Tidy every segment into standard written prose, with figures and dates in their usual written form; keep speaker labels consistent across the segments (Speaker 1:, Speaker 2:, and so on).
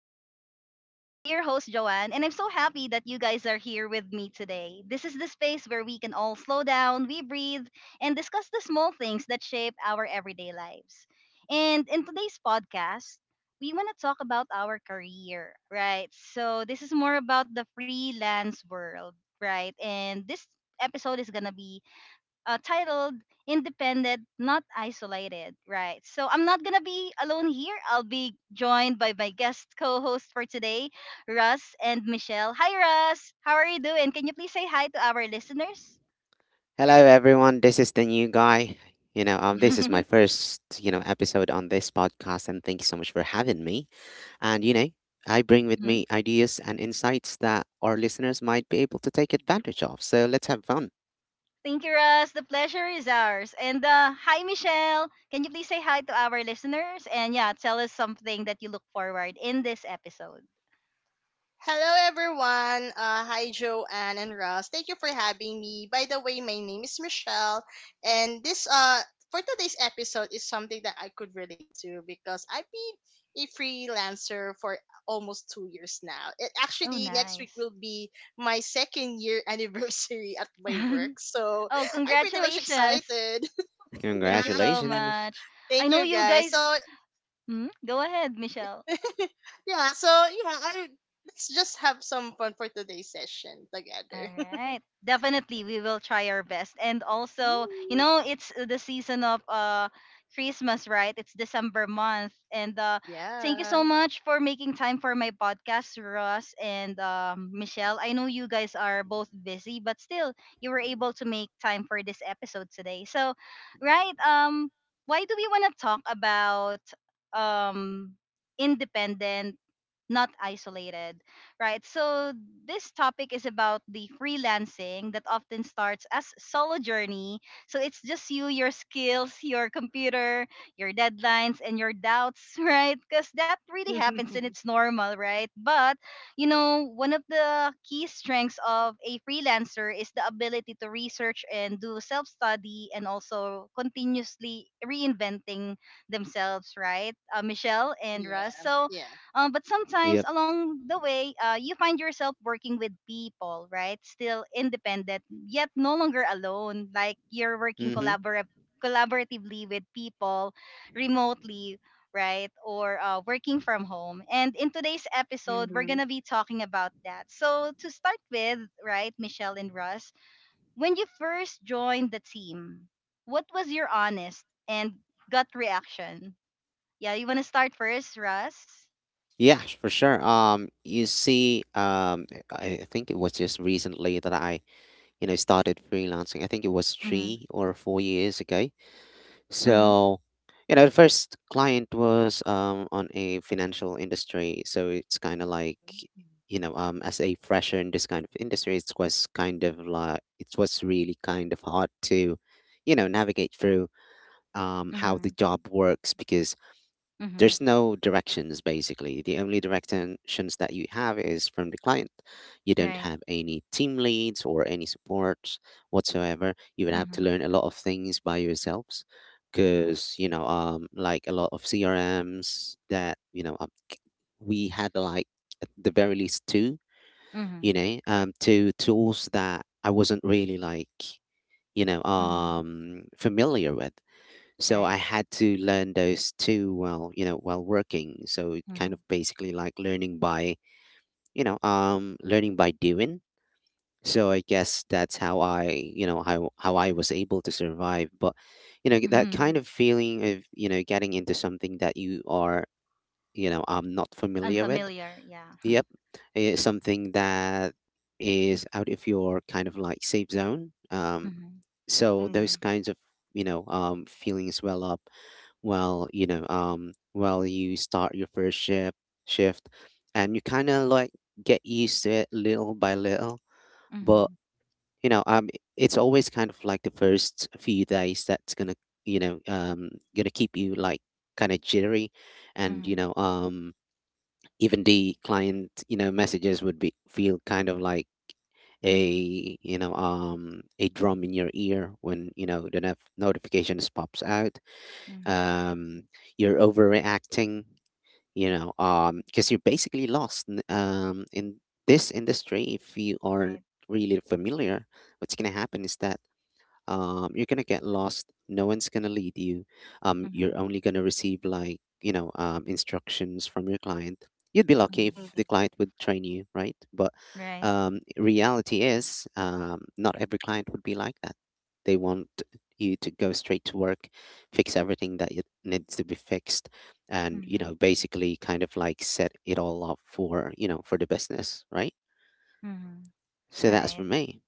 Speaker 1: Joanne. I'm your host, Joanne, and I'm so happy that you guys are here with me today. This is the space where we can all slow down, we breathe, and discuss the small things that shape our everyday lives. And in today's podcast, we want to talk about our career, right? So, this is more about the freelance world, right? And this episode is going to be titled Independent, Not Isolated, right? So I'm not going to be alone here. I'll be joined by my guest co host for today, Russ and Michelle. Hi, Russ. How are you doing? Can you please say hi to our listeners?
Speaker 2: Hello everyone, this is the new guy. This is my first, episode on this podcast, and thank you so much for having me. And I bring with
Speaker 1: Mhm.
Speaker 2: me ideas and insights that our listeners might be able to take advantage of. So let's have fun.
Speaker 1: Thank you, Russ. The pleasure is ours. And hi, Michelle. Can you please say hi to our listeners? And yeah, tell us something that you look forward in this episode.
Speaker 3: Hello, everyone. Hi, Joanne and Ross. Thank you for having me. By the way, my name is Michelle, and this for today's episode is something that I could relate to because I've been a freelancer for almost 2 years now. It
Speaker 1: Oh,
Speaker 3: actually next week
Speaker 1: nice.
Speaker 3: will be my second year anniversary at my work, so
Speaker 1: Oh,
Speaker 3: I'm pretty much
Speaker 1: congratulations.
Speaker 3: excited. yeah,
Speaker 1: Thank you so
Speaker 2: Congratulations.
Speaker 1: much. I
Speaker 3: thank
Speaker 1: know
Speaker 3: you
Speaker 1: you
Speaker 3: guys.
Speaker 1: guys.
Speaker 3: So
Speaker 1: Hmm? Go ahead, Michelle.
Speaker 3: yeah, so yeah, I let's just have some fun for today's session
Speaker 1: All
Speaker 3: together.
Speaker 1: right. Definitely, we will try our best. And also,
Speaker 3: Mm,
Speaker 1: it's the season of Christmas, right? It's December month. And thank you so
Speaker 3: yeah.
Speaker 1: much for making time for my podcast, Ross and Michelle. I know you guys are both busy, but still you were able to make time for this episode today. So, right, why do we want to talk about um independent, not isolated? Right? So this topic is about the freelancing that often starts as solo journey. So it's just you, your skills, your computer, your deadlines, and your doubts, right? Because that really happens and it's normal, right? But you know, one of the key strengths of a freelancer is the ability to research and do self study and also continuously reinventing themselves, right? Michelle and Russ.
Speaker 3: Yeah.
Speaker 1: So
Speaker 3: Yeah.
Speaker 1: but sometimes
Speaker 2: Yep.
Speaker 1: along the way, you find yourself working with people, right? Still independent, yet no longer alone. Like you're working
Speaker 2: Mm-hmm.
Speaker 1: collaboratively with people remotely, right? Or working from home. And in today's episode, we're
Speaker 3: Mm-hmm.
Speaker 1: going to be talking about that. So, to start with, right, Michelle and Russ, when you first joined the team, what was your honest and gut reaction? Yeah, you want to start first, Russ?
Speaker 2: Yeah, for sure. You see, I think it was just recently that I, started freelancing. I think it was
Speaker 1: Mm-hmm.
Speaker 2: 3 or 4 years ago.
Speaker 1: Mm-hmm.
Speaker 2: So, the first client was on a financial industry, so it's kind of like, as a fresher in this kind of industry, it was kind of like it was really kind of hard to, navigate through how the
Speaker 1: Mhm.
Speaker 2: job works, because there's
Speaker 1: Mhm.
Speaker 2: no directions basically. The only directions that you have is from the client. You don't
Speaker 1: Right?
Speaker 2: have any team leads or any support whatsoever. You would have to
Speaker 1: Mhm.
Speaker 2: learn a lot of things by yourselves, because, like a lot of CRMs that, we had like at the very least two,
Speaker 1: Mhm.
Speaker 2: two tools that I wasn't really like,
Speaker 1: Mhm.
Speaker 2: familiar with. So I
Speaker 1: Right.
Speaker 2: had to learn those two while, while working. So it kind of
Speaker 1: Mhm.
Speaker 2: basically like learning by, learning by doing. So I guess that's how I, how I was able to survive. But, that kind
Speaker 1: Mhm.
Speaker 2: of feeling of, getting into something that you are, not familiar with.
Speaker 1: Unfamiliar, yeah.
Speaker 2: Yep, it's something that is out of your kind of like safe zone.
Speaker 1: Mhm.
Speaker 2: So those kinds of, feelings well up well you start your first shift, and you kind of like get used to it little by little. But
Speaker 1: Mhm.
Speaker 2: you know um it's always kind of like the first few days that's gonna you know um gonna keep you like kind of jittery, and
Speaker 1: Mhm.
Speaker 2: even the client messages would be feel kind of like
Speaker 1: Mhm.
Speaker 2: a a drum in your ear when the notifications pops out.
Speaker 1: Mhm.
Speaker 2: um you're overreacting, because you're basically lost in this industry. If you aren't
Speaker 1: Right.
Speaker 2: really familiar, what's going to happen is that you're gonna get lost, no one's gonna lead you. You're
Speaker 1: Mhm.
Speaker 2: only gonna receive like instructions from your client. You'd be lucky
Speaker 1: Mhm.
Speaker 2: if
Speaker 3: Mm-hmm.
Speaker 2: the client would train you, right? But
Speaker 1: Right.
Speaker 2: reality is, not every client would be like that. They want you to go straight to work, fix everything that it needs to be fixed, and
Speaker 1: Mhm.
Speaker 2: basically kind of like set it all up for for the business, right?
Speaker 1: Mhm.
Speaker 2: So that's
Speaker 1: Right.
Speaker 2: for me.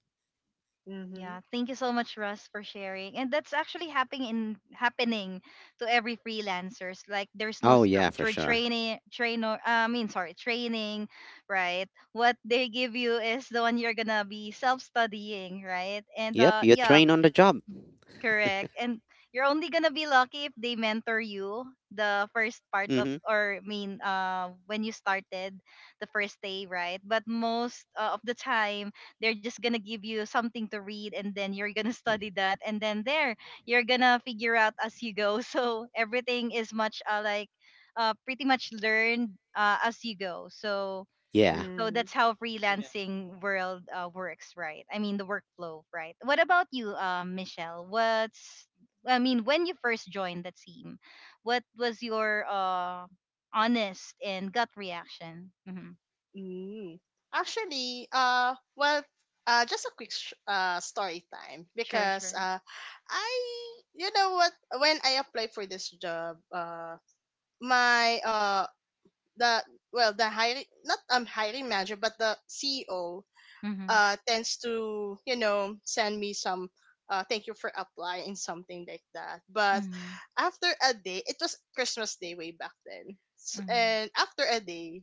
Speaker 3: Mm-hmm.
Speaker 1: Yeah, thank you so much, Russ, for sharing. And that's actually happening to every freelancers. Like there's no
Speaker 2: Oh yeah, for
Speaker 1: structured
Speaker 2: sure.
Speaker 1: training, trainer. I mean, sorry, training, right? What they give you is the one you're gonna be self studying, right? And
Speaker 2: Yep, you're
Speaker 1: yeah,
Speaker 2: trained on the job.
Speaker 1: correct. And you're only gonna be lucky if they mentor you the first part of
Speaker 2: Hmm.
Speaker 1: or I mean when you started the first day, right? But most of the time they're just gonna give you something to read and then you're gonna study that and then there you're gonna figure out as you go. So everything is much like pretty much learned as you go. So
Speaker 2: Yeah.
Speaker 1: so
Speaker 3: Mm.
Speaker 1: that's how
Speaker 3: Yeah.
Speaker 1: freelancing world works, right? I mean the workflow, right? What about you, Michelle? What's I mean when you first joined the team, what was your honest and gut reaction? Hmm?
Speaker 3: Mm. Actually, well, just a quick story time
Speaker 1: Sure,
Speaker 3: because
Speaker 1: sure.
Speaker 3: uh, I, you know what, when I applied for this job, my the well the hiring not hiring manager but the CEO
Speaker 1: Mm-hmm.
Speaker 3: tends to, you know, send me some thank you for applying something like that. But
Speaker 1: Mm-hmm.
Speaker 3: after a day, it was Christmas day way back then. S-
Speaker 1: Mm-hmm.
Speaker 3: and after a day,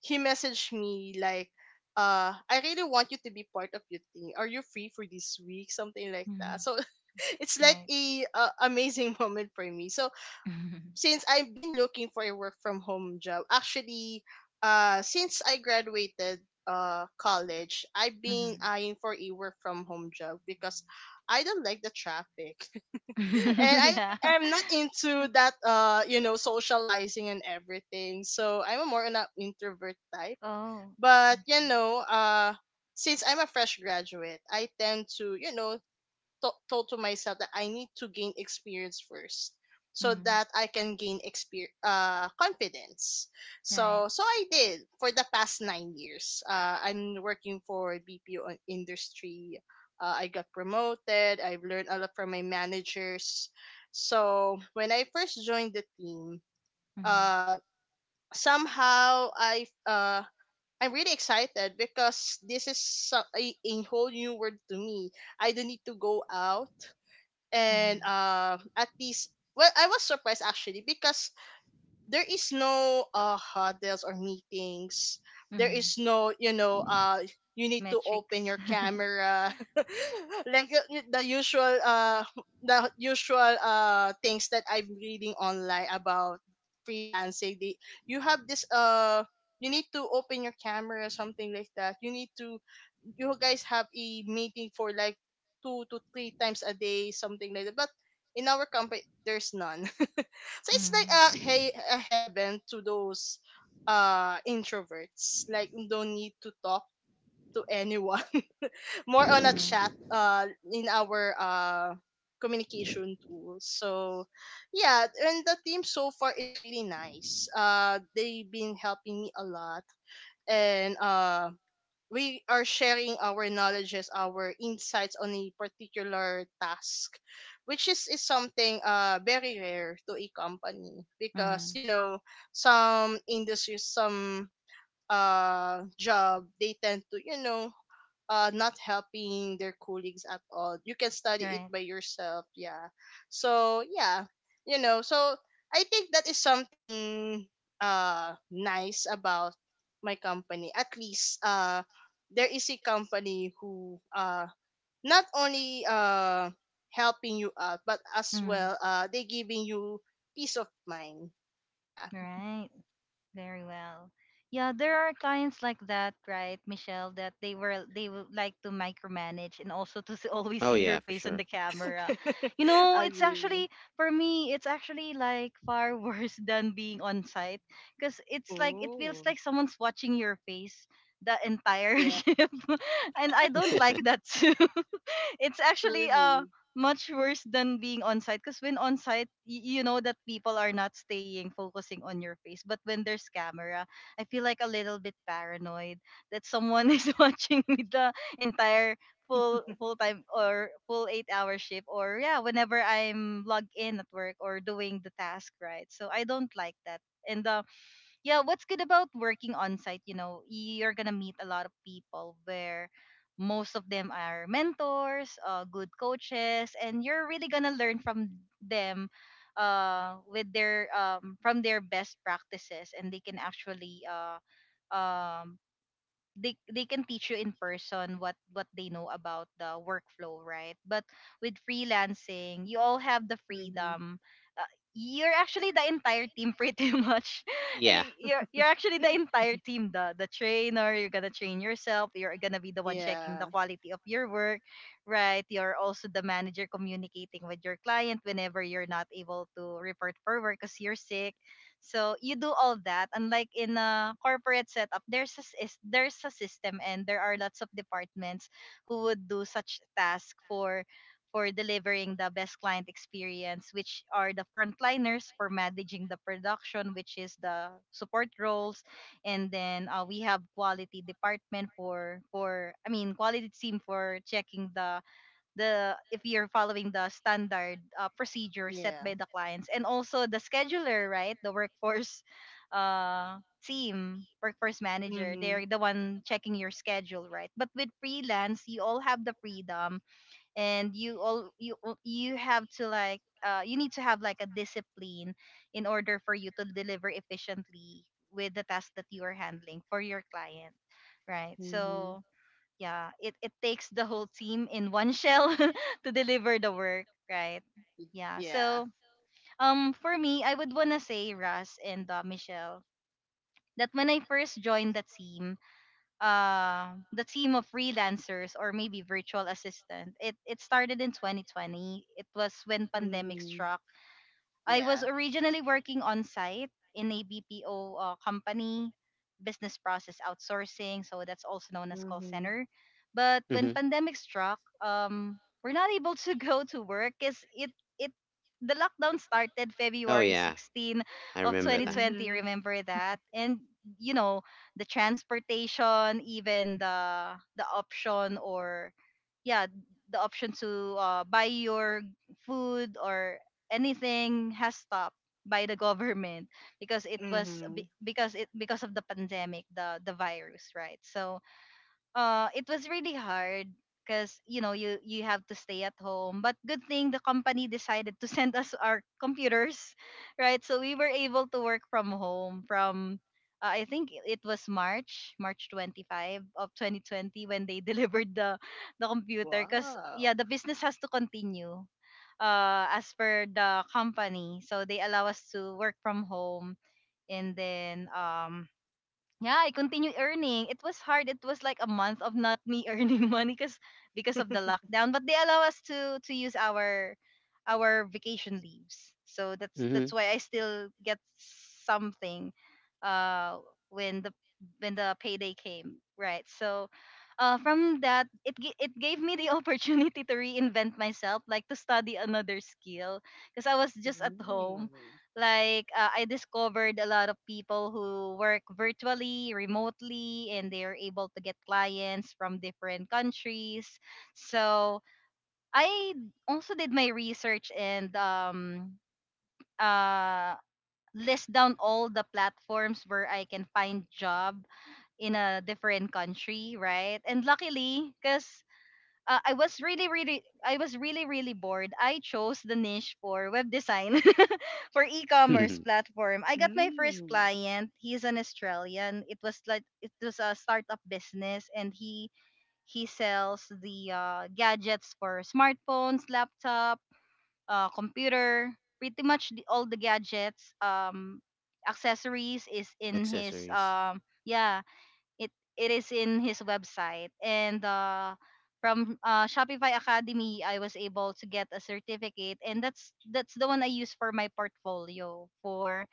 Speaker 3: he messaged me like, "I really want you to be part of your team. Are you free for this week?" Something like
Speaker 1: Mm-hmm.
Speaker 3: that. So it's like
Speaker 1: Right.
Speaker 3: a, amazing moment for me. So
Speaker 1: Mm-hmm.
Speaker 3: since I've been looking for a work from home job, actually, since I graduated college, I've been
Speaker 1: Mm-hmm.
Speaker 3: eyeing for a work from home job because I don't like the traffic, and I
Speaker 1: Yeah.
Speaker 3: think I'm not into that socializing and everything. So I'm a more an introvert type,
Speaker 1: Oh.
Speaker 3: but
Speaker 1: Okay.
Speaker 3: Since I'm a fresh graduate, I tend to, you know, told to myself that I need to gain experience first so
Speaker 1: Mm.
Speaker 3: that I can gain experience, confidence.
Speaker 1: Right.
Speaker 3: So so I did for the past 9 years. I'm working for BPO industry. I got promoted. I've learned a lot from my managers. So when I first joined the team,
Speaker 1: Mm-hmm.
Speaker 3: uh somehow I'm really excited because this is a whole new world to me. I don't need to go out
Speaker 1: Mm-hmm.
Speaker 3: and, at least, well, I was surprised actually because there is no huddles or meetings, there
Speaker 1: Mm-hmm.
Speaker 3: is no, you know, you need to
Speaker 1: Metrics.
Speaker 3: open your camera like the usual things that I'm reading online about freelancing. You have this, you need to open your camera something like that, you need to, you guys have a meeting for like two to three times a day, something like that, but in our company there's none. So it's like
Speaker 1: Mm-hmm.
Speaker 3: a heaven to those introverts. Like, you don't need to talk to anyone. More on a
Speaker 1: Mm-hmm.
Speaker 3: chat in our communication tools. So yeah, and the team so far is really nice. They've been helping me a lot, and we are sharing our knowledges, our insights on a particular task, which is something very rare to a company, because,
Speaker 1: Mm-hmm.
Speaker 3: you know, some industries, some job, they tend to, you know, not helping their colleagues at all. You can study it
Speaker 1: Right.
Speaker 3: by yourself. Yeah. So yeah, you know. So I think that is something nice about my company. At least there is a company who not only helping you out, but as
Speaker 1: Mm,
Speaker 3: well they giving you peace of mind. Yeah.
Speaker 1: right. Very well. Yeah, there are clients like that, right, Michelle, that they were they would like to micromanage and also to always
Speaker 2: Oh,
Speaker 1: see
Speaker 2: yeah,
Speaker 1: your
Speaker 2: for
Speaker 1: face on
Speaker 2: sure.
Speaker 1: the camera. You know, it's
Speaker 3: agree.
Speaker 1: actually for me, it's actually like far worse than being on site because it's like it feels
Speaker 3: Oh.
Speaker 1: like someone's watching your face the entire
Speaker 3: Yeah.
Speaker 1: ship, and I don't like that too. It's actually
Speaker 3: Truly.
Speaker 1: much worse than being on site because when on site you know that people are not staying focusing on your face, but when there's camera I feel like a little bit paranoid that someone is watching me the entire full time or full 8 hour shift, or yeah, whenever I'm logged in at work or doing the task, right? So I don't like that. And yeah, what's good about working on site, you know, you're gonna meet a lot of people where most of them are mentors, good coaches, and you're really gonna learn from them, with their from their best practices, and they can actually um, they can teach you in person what they know about the workflow, right? But with freelancing you all have the
Speaker 3: Mm-hmm.
Speaker 1: freedom, uh, you're actually the entire team pretty much.
Speaker 2: Yeah.
Speaker 1: Like, you're actually the entire team, the trainer, you're gonna train yourself, you're gonna be the one checking the
Speaker 3: Yeah.
Speaker 1: quality of your work, right? You're also the manager communicating with your client whenever you're not able to report for work because you're sick. So you do all that. Unlike in a corporate setup, there's a, there's a system and there are lots of departments who would do such task for delivering the best client experience, which are the frontliners for managing the production, which is the support roles, and then we have quality department for I mean quality team for checking the if you're following the standard procedure set by
Speaker 3: Yeah.
Speaker 1: the clients, and also the scheduler, right, the workforce uh team, workforce manager, they're
Speaker 3: Mhm.
Speaker 1: the one checking your schedule, right? But with freelance you all have the freedom, and you have to like you need to have like a discipline in order for you to deliver efficiently with the task that you are handling for your client, right?
Speaker 3: Mhm.
Speaker 1: So yeah, it takes the whole team in one shell to deliver the work, right? Yeah.
Speaker 3: Yeah.
Speaker 1: So for me I would want to say Russ and Michelle, that when I first joined the team of freelancers or maybe virtual assistant, it started in 2020. It was when pandemic
Speaker 3: Mhm.
Speaker 1: struck. I was
Speaker 3: Yeah.
Speaker 1: originally working on site in a BPO company, business process outsourcing, so that's also known as call
Speaker 3: Mhm.
Speaker 1: center. But when
Speaker 2: Hmm.
Speaker 1: pandemic struck, we're not able to go to work because it the lockdown started
Speaker 2: Oh,
Speaker 1: February
Speaker 2: yeah.
Speaker 1: sixteenth
Speaker 2: I
Speaker 1: of
Speaker 2: remember that.
Speaker 1: 2020.
Speaker 3: Mhm.
Speaker 1: Remember that, and you know the transportation, even the option or yeah the option to buy your food or anything has stopped by the government because it was a
Speaker 3: Mhm.
Speaker 1: because of the pandemic, the virus, right? So it was really hard because you know you you have to stay at home, but good thing the company decided to send us our computers right, so we were able to work from home from I think it was March 25 of 2020 when they delivered the computer, because yeah
Speaker 3: Wow.
Speaker 1: the business has to continue as per the company, so they allow us to work from home. And then yeah, I continued earning. It was hard. It was like a month of not me earning money because of the lockdown. But they allow us to use our vacation leaves. So
Speaker 2: Hmm.
Speaker 1: that's why I still get something uh when the when the payday came. Right. So from that it it gave me the opportunity to reinvent myself, like to study another skill because I was just at
Speaker 3: Mm.
Speaker 1: home, like I discovered a lot of people who work virtually remotely and they are able to get clients from different countries. So I also did my research and uh list down all the platforms where I can find job in a different country, right? And luckily, because I was really really I was really really bored, I chose the niche for web design for e-commerce platform. I got my first
Speaker 3: Mm.
Speaker 1: client. He's an Australian. It was like it was a startup business, and he sells the gadgets for smartphones, laptop, computer, pretty much the, all the gadgets accessories is in his
Speaker 2: Accessories.
Speaker 1: yeah it it is in his website. And from Shopify Academy I was able to get a certificate, and that's the one I use for my portfolio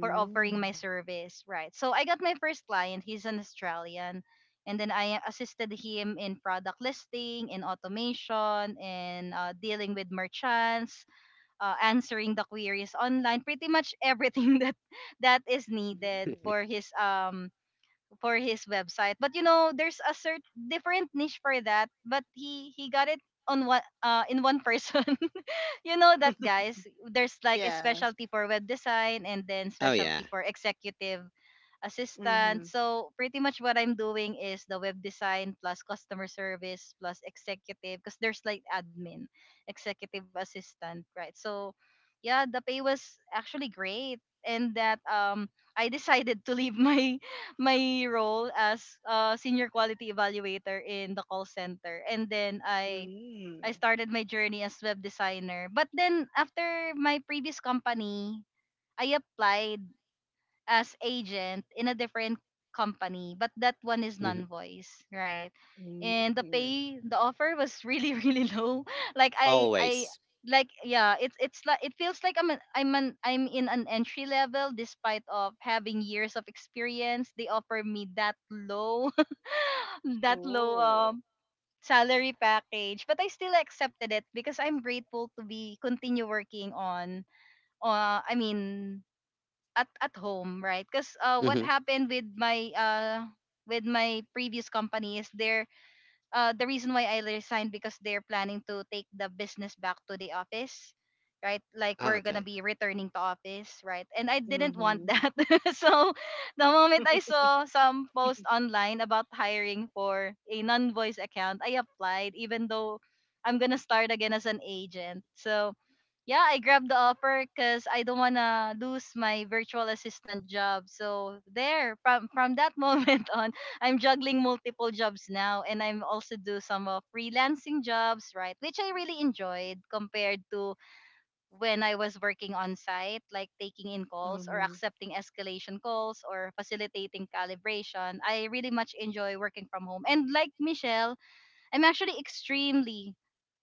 Speaker 1: for offering my service, right? So I got my first client, he's an Australian, and then I assisted him in product listing, in automation, in dealing with merchants, answering the queries online, pretty much everything that that is needed
Speaker 3: Mm.
Speaker 1: for his website. But you know, there's a certain different niche for that. But he got it on one in one person. You know that, guys, there's like a
Speaker 3: Yeah.
Speaker 1: specialty for web design and then
Speaker 2: Oh,
Speaker 1: specialty
Speaker 2: yeah.
Speaker 1: for executive assistant.
Speaker 3: Mhm.
Speaker 1: So pretty much what I'm doing is the web design plus customer service plus executive because there's like admin, executive assistant, right? So yeah, the pay was actually great and that I decided to leave my my role as a senior quality evaluator in the call center and then I
Speaker 3: Mm.
Speaker 1: started my journey as web designer. But then after my previous company, I applied as agent in a different company, but that one is
Speaker 2: Hmm.
Speaker 1: non-voice, right?
Speaker 3: Mm.
Speaker 1: And the pay, the offer was really really low. Like I
Speaker 2: Always.
Speaker 1: like yeah, it's like it feels like I'm in an entry level despite of having years of experience. They offer me that low that low
Speaker 3: Oh.
Speaker 1: salary package, but I still accepted it because I'm grateful to be continue working on uh i mean at home, right? Because what
Speaker 2: Mm-hmm.
Speaker 1: happened with my previous company is there the reason why I resigned because they're planning to take the business back to the office, right? Like
Speaker 2: Ah,
Speaker 1: we're gonna
Speaker 2: okay.
Speaker 1: be returning to office, right? And I didn't want
Speaker 3: Mhm.
Speaker 1: that. So the moment I saw some post online about hiring for a non-voice account, I applied, even though I'm gonna start again as an agent. So yeah, I grabbed the offer because I don't wanna lose my virtual assistant job. So there, from that moment on. I'm juggling multiple jobs now and I'm also do some of freelancing jobs, right? Which I really enjoyed compared to when I was working on site, like taking in calls or
Speaker 3: Mhm.
Speaker 1: accepting escalation calls or facilitating calibration. I really much enjoy working from home. And like Michelle, I'm actually extremely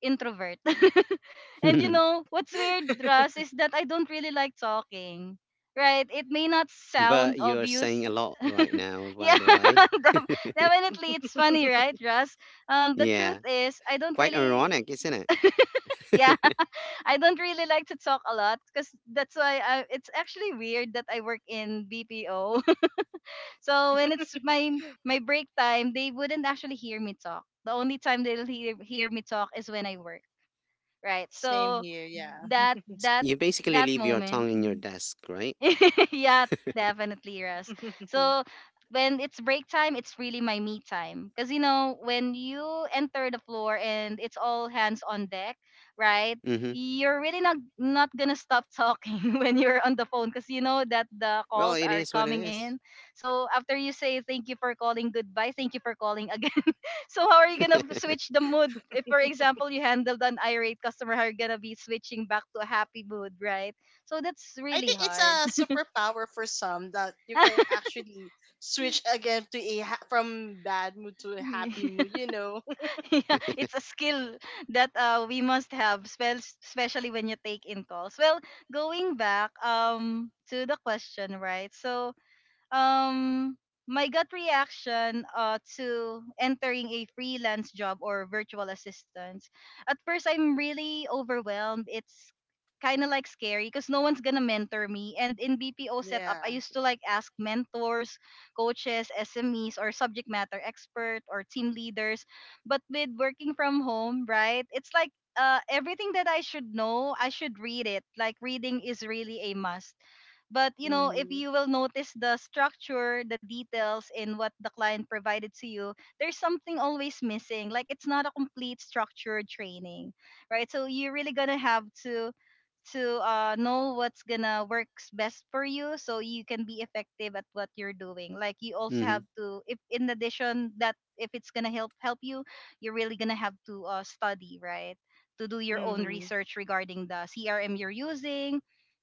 Speaker 1: introvert. And what's weird, Russ, is that I don't really like talking. Right? It may not
Speaker 2: But
Speaker 1: sound
Speaker 2: you're
Speaker 1: obvious.
Speaker 2: saying a lot right now, by
Speaker 1: Yeah,
Speaker 2: the way.
Speaker 1: def- definitely. It's funny, right, Russ? The truth
Speaker 2: Yeah.
Speaker 1: is, I don't
Speaker 2: Quite
Speaker 1: really,
Speaker 2: ironic, isn't
Speaker 1: yeah,
Speaker 2: it?
Speaker 1: I don't really like to talk a lot because that's why I, it's actually weird that I work in BPO. So when it's my break time, they wouldn't actually hear me talk. The only time they'll hear me talk is when I work, right?
Speaker 3: Same
Speaker 1: So
Speaker 3: here. Yeah.
Speaker 1: that
Speaker 2: You basically
Speaker 1: that
Speaker 2: leave your
Speaker 1: moment.
Speaker 2: tongue in your
Speaker 1: Mm-hmm,
Speaker 2: desk, right?
Speaker 1: yeah, definitely, Russ. So when it's break time, it's really my me time. Because, you know, when you enter the floor and it's all hands on deck, right?
Speaker 2: Mm-hmm.
Speaker 1: You're really not gonna stop talking when you're on the phone because you know that the
Speaker 2: Well,
Speaker 1: calls
Speaker 2: it
Speaker 1: are
Speaker 2: is what it
Speaker 1: coming
Speaker 2: is.
Speaker 1: in. So after you say thank you for calling, goodbye, thank you for calling again. So how are you gonna switch the mood? If for example you handled an irate customer, how are you gonna be switching back to a happy mood, right? So that's
Speaker 3: I
Speaker 1: really
Speaker 3: think it's
Speaker 1: hard.
Speaker 3: a superpower for some that you can actually switch again to from bad mood to a happy
Speaker 1: Yeah,
Speaker 3: mood, you know.
Speaker 1: it's a skill that we must have, especially when you take in calls. Well, going back to the question, right? So, um my gut reaction to entering a freelance job or virtual assistance at first I'm really overwhelmed. It's kind of like scary because no one's gonna mentor me, and in BPO setup
Speaker 3: yeah.
Speaker 1: I used to like ask mentors, coaches, SMEs or subject matter expert or team leaders, but with working from home, right? It's like everything that I should know, I should read it. Like reading is really a must. But you know, if
Speaker 3: Mhm.
Speaker 1: you will notice the structure, the details in what the client provided to you, there's something always missing. Like it's not a complete structured training, right? So you're really gonna have to know what's gonna works best for you so you can be effective at what you're doing. Like you also have
Speaker 2: Mm-hmm.
Speaker 1: to, if in addition that if it's gonna help you, you're really gonna have to study, right? To do your own
Speaker 3: Mhm.
Speaker 1: research regarding the CRM you're using,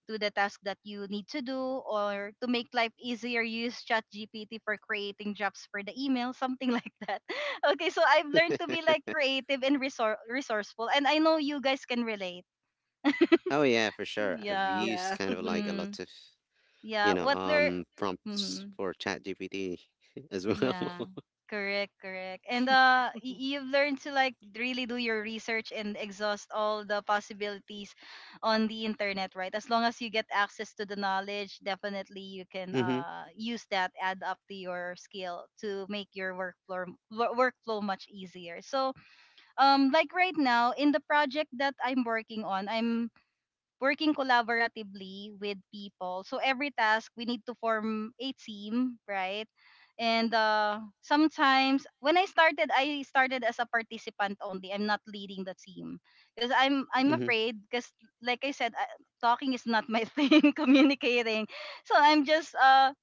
Speaker 1: to the task that you need to do, or to make life easier, use ChatGPT for creating jobs for the email, something like that. Okay, so I've learned to be like creative and resourceful, and I know you guys can relate.
Speaker 2: Oh yeah, for
Speaker 1: So,
Speaker 2: sure. I've
Speaker 1: yeah.
Speaker 2: used
Speaker 3: Yeah.
Speaker 2: kind of like a
Speaker 1: Mm,
Speaker 2: lot of,
Speaker 1: yeah, what were.
Speaker 2: prompts
Speaker 1: Mhm.
Speaker 2: for ChatGPT as well.
Speaker 1: Yeah, correct, correct. And you've learned to like really do your research and exhaust all the possibilities on the internet, right? As long as you get access to the knowledge, definitely you can
Speaker 2: Hmm.
Speaker 1: use that, add up to your skill to make your workflow workflow much easier. So like right now in the project that I'm working on, I'm working collaboratively with people. So every task we need to form a team, right? And sometimes when I started as a participant only. I'm not leading the team because I'm
Speaker 2: Hmm.
Speaker 1: afraid because like I said, talking is not my thing. Communicating, so I'm just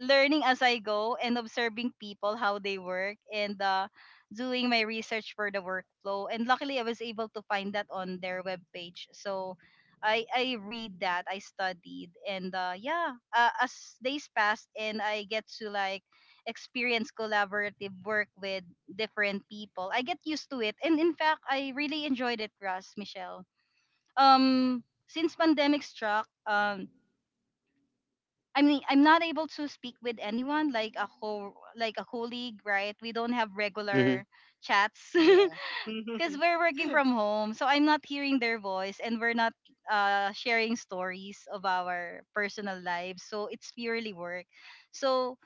Speaker 1: learning as I go and observing people how they work and doing my research for the workflow. And luckily, I was able to find that on their webpage. So I read that, I studied, and yeah, as days passed and I get to like experience collaborative work with different people, I get used to it. And in fact, I really enjoyed it, Russ, Michelle. Since pandemic struck, I'm not able to speak with anyone like a whole like a colleague, right? We don't have
Speaker 2: Hmm.
Speaker 1: regular chats.
Speaker 3: Yeah.
Speaker 1: Because we're working from home, so I'm not hearing their voice, and we're not sharing stories of our personal lives. So it's purely work. So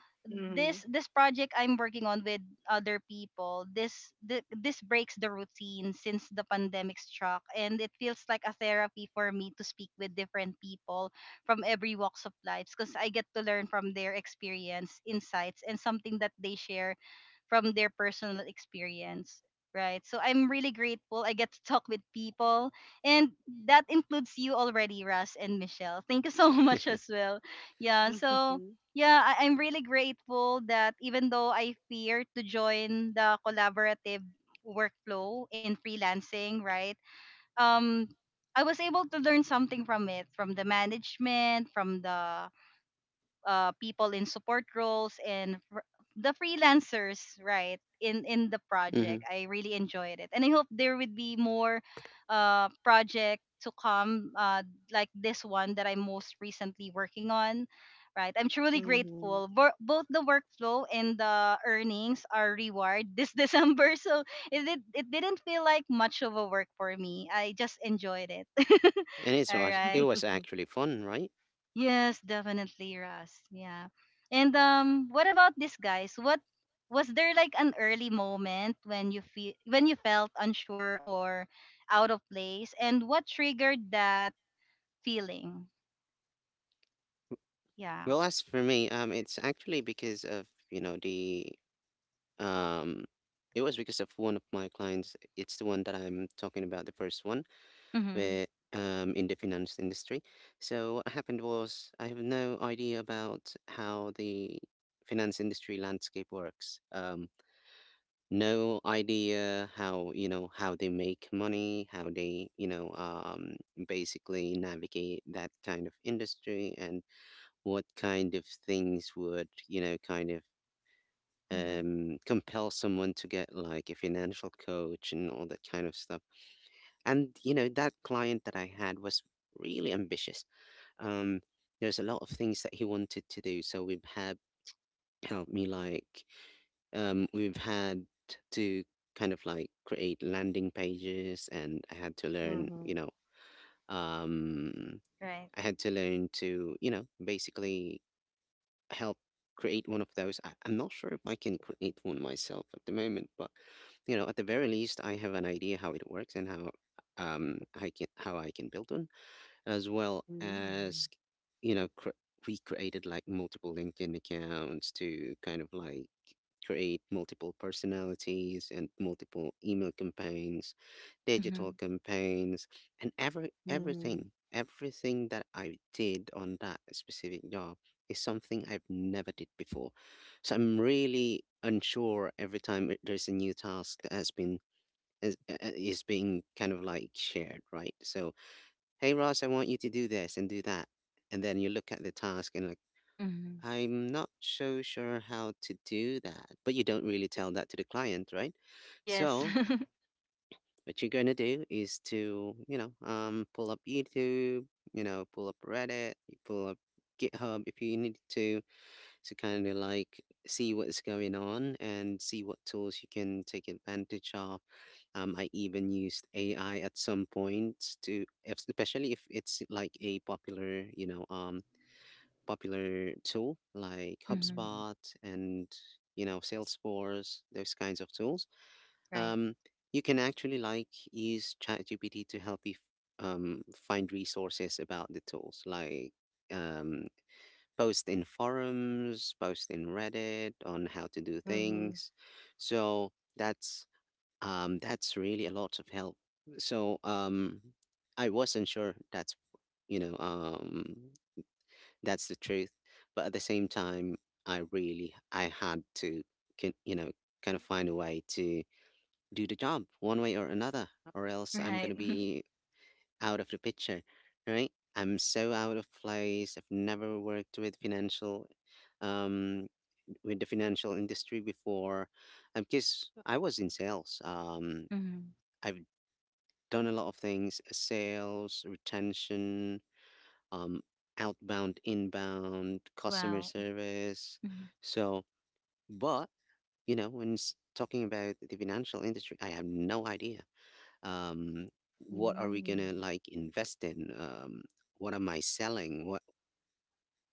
Speaker 3: Mhm.
Speaker 1: this project I'm working on with other people, this this breaks the routine since the pandemic struck, and it feels like a therapy for me to speak with different people from every walks of life because I get to learn from their experience, insights, and something that they share from their personal experience, right? So I'm really grateful I get to talk with people, and that includes you already, Russ and Michelle. Thank you so much as well. Yeah, so
Speaker 3: Mhm.
Speaker 1: yeah, I'm really grateful that even though I fear to join the collaborative workflow in freelancing, right? Um, I was able to learn something from it, from the management, from the people in support roles and the freelancers, right, in the
Speaker 2: Hmm.
Speaker 1: project. I really enjoyed it, and I hope there would be more project to come, like this one that I'm most recently working on, right? I'm truly
Speaker 3: Mhm.
Speaker 1: grateful. Both the workflow and the earnings are reward this December. So it didn't feel like much of a work for me. I just enjoyed it.
Speaker 2: And it
Speaker 1: All
Speaker 2: was it
Speaker 1: right.
Speaker 2: was actually fun, right?
Speaker 1: Yes, definitely, Russ. Yeah. And what about this, guys? What was there like an early moment when you feel when you felt unsure or out of place, and what triggered that feeling? Yeah.
Speaker 2: Well, as for me, it's actually because of, you know, the um it was because of one of my clients. It's the one that I'm talking about, the first one.
Speaker 1: Mhm.
Speaker 2: Where in the finance industry. So what happened was I have no idea about how the finance industry landscape works. No idea how how they make money, how they basically navigate that kind of industry, and what kind of things would kind of
Speaker 1: Mhm.
Speaker 2: compel someone to get like a financial coach and all that kind of stuff. And that client that I had was really ambitious. um there's a lot of things that he wanted to do, so we've had helped me like we've had to kind of like create landing pages, and I had to learn
Speaker 3: Mhm.
Speaker 2: um
Speaker 1: Right.
Speaker 2: I had to learn to basically help create one of those. I, I'm not sure if I can create one myself at the moment, but at the very least I have an idea how it works, and how I can build one, as well as
Speaker 3: Mhm.
Speaker 2: you know cr- we created like multiple LinkedIn accounts to kind of like create multiple personalities and multiple email campaigns, digital
Speaker 1: Mhm.
Speaker 2: campaigns. And every everything
Speaker 3: Mhm.
Speaker 2: everything that I did on that specific job is something I've never did before. So I'm really unsure every time there's a new task that has been is being kind of like shared, right? So, hey Ross, I want you to do this and do that. And then you look at the task and like,
Speaker 1: Mhm.
Speaker 2: I'm not so sure how to do that. But you don't really tell that to the client, right?
Speaker 1: Yes.
Speaker 2: So what you're gonna do is to, pull up YouTube, pull up Reddit, you pull up GitHub if you need to kind of like see what's going on and see what tools you can take advantage of. I even used AI at some point to, especially if it's like a popular, popular tool like
Speaker 1: Mhm.
Speaker 2: HubSpot, and Salesforce, those kinds of tools.
Speaker 1: Right.
Speaker 2: Um, you can actually like use ChatGPT to help you find resources about the tools, like um, post in forums, post in Reddit on how to do
Speaker 3: Mhm.
Speaker 2: things.
Speaker 3: Mhm.
Speaker 2: So that's that's really a lot of help. So I wasn't sure, that's you know um, that's the truth. But at the same time, I really I had to kin- you know kind of find a way to do the job one way or another, or else I'm gonna
Speaker 1: Right.
Speaker 2: be out of the picture, right? I'm so out of place. I've never worked with financial, um, with the financial industry before, because I was in sales.
Speaker 1: Mhm.
Speaker 2: I've done a lot of things: sales, retention, um, outbound, inbound, customer
Speaker 1: Wow.
Speaker 2: service.
Speaker 1: Mhm.
Speaker 2: So, but when talking about the financial industry, I have no idea um, what are we gonna
Speaker 3: Mhm.
Speaker 2: like invest in? What am I selling? What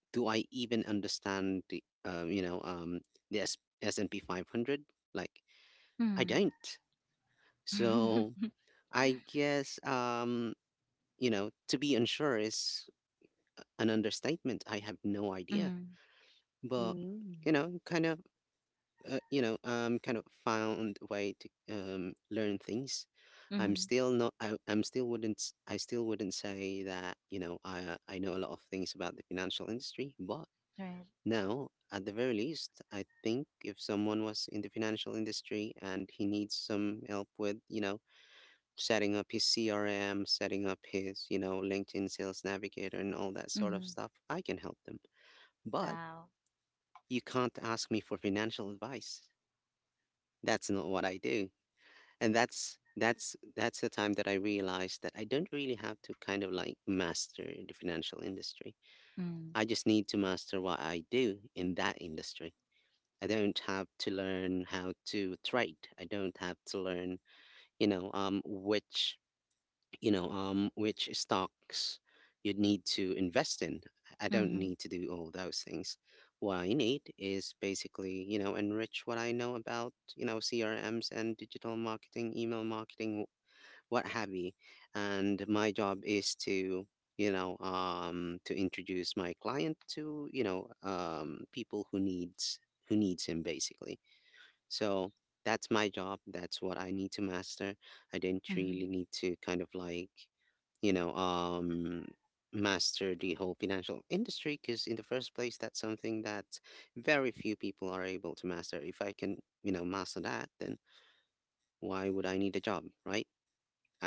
Speaker 2: do I even understand, the the S&P 500? Like, I
Speaker 1: Mhm.
Speaker 2: don't. So I guess to be unsure is an understatement. I have no idea,
Speaker 1: Mhm.
Speaker 2: but
Speaker 3: Mhm.
Speaker 2: kind of kind of found a way to learn things. I'm
Speaker 1: Mhm.
Speaker 2: still not. I, I still wouldn't say that. You know, I know a lot of things about the financial industry, but
Speaker 1: Right.
Speaker 2: now at the very least, I think if someone was in the financial industry and he needs some help with, setting up his CRM, setting up his, LinkedIn Sales Navigator and all that sort of
Speaker 1: Mhm.
Speaker 2: stuff, I can help them. But
Speaker 1: Wow.
Speaker 2: you can't ask me for financial advice. That's not what I do. And that's the time that I realized that I don't really have to kind of like master the financial industry.
Speaker 1: Mhm.
Speaker 2: I just need to master what I do in that industry. I don't have to learn how to trade, I don't have to learn you know um which which stocks you need to invest in. I don't
Speaker 1: Mhm.
Speaker 2: need to do all those things. What I need is basically enrich what I know about CRMs and digital marketing, email marketing, what have you. And my job is to, to introduce my client to, people who needs him basically. So that's my job. That's what I need to master. I didn't
Speaker 1: Mhm.
Speaker 2: really need to kind of like, you know, um, master the whole financial industry, because in the first place, that's something that very few people are able to master. If I can, master that, then why would I need a job, right?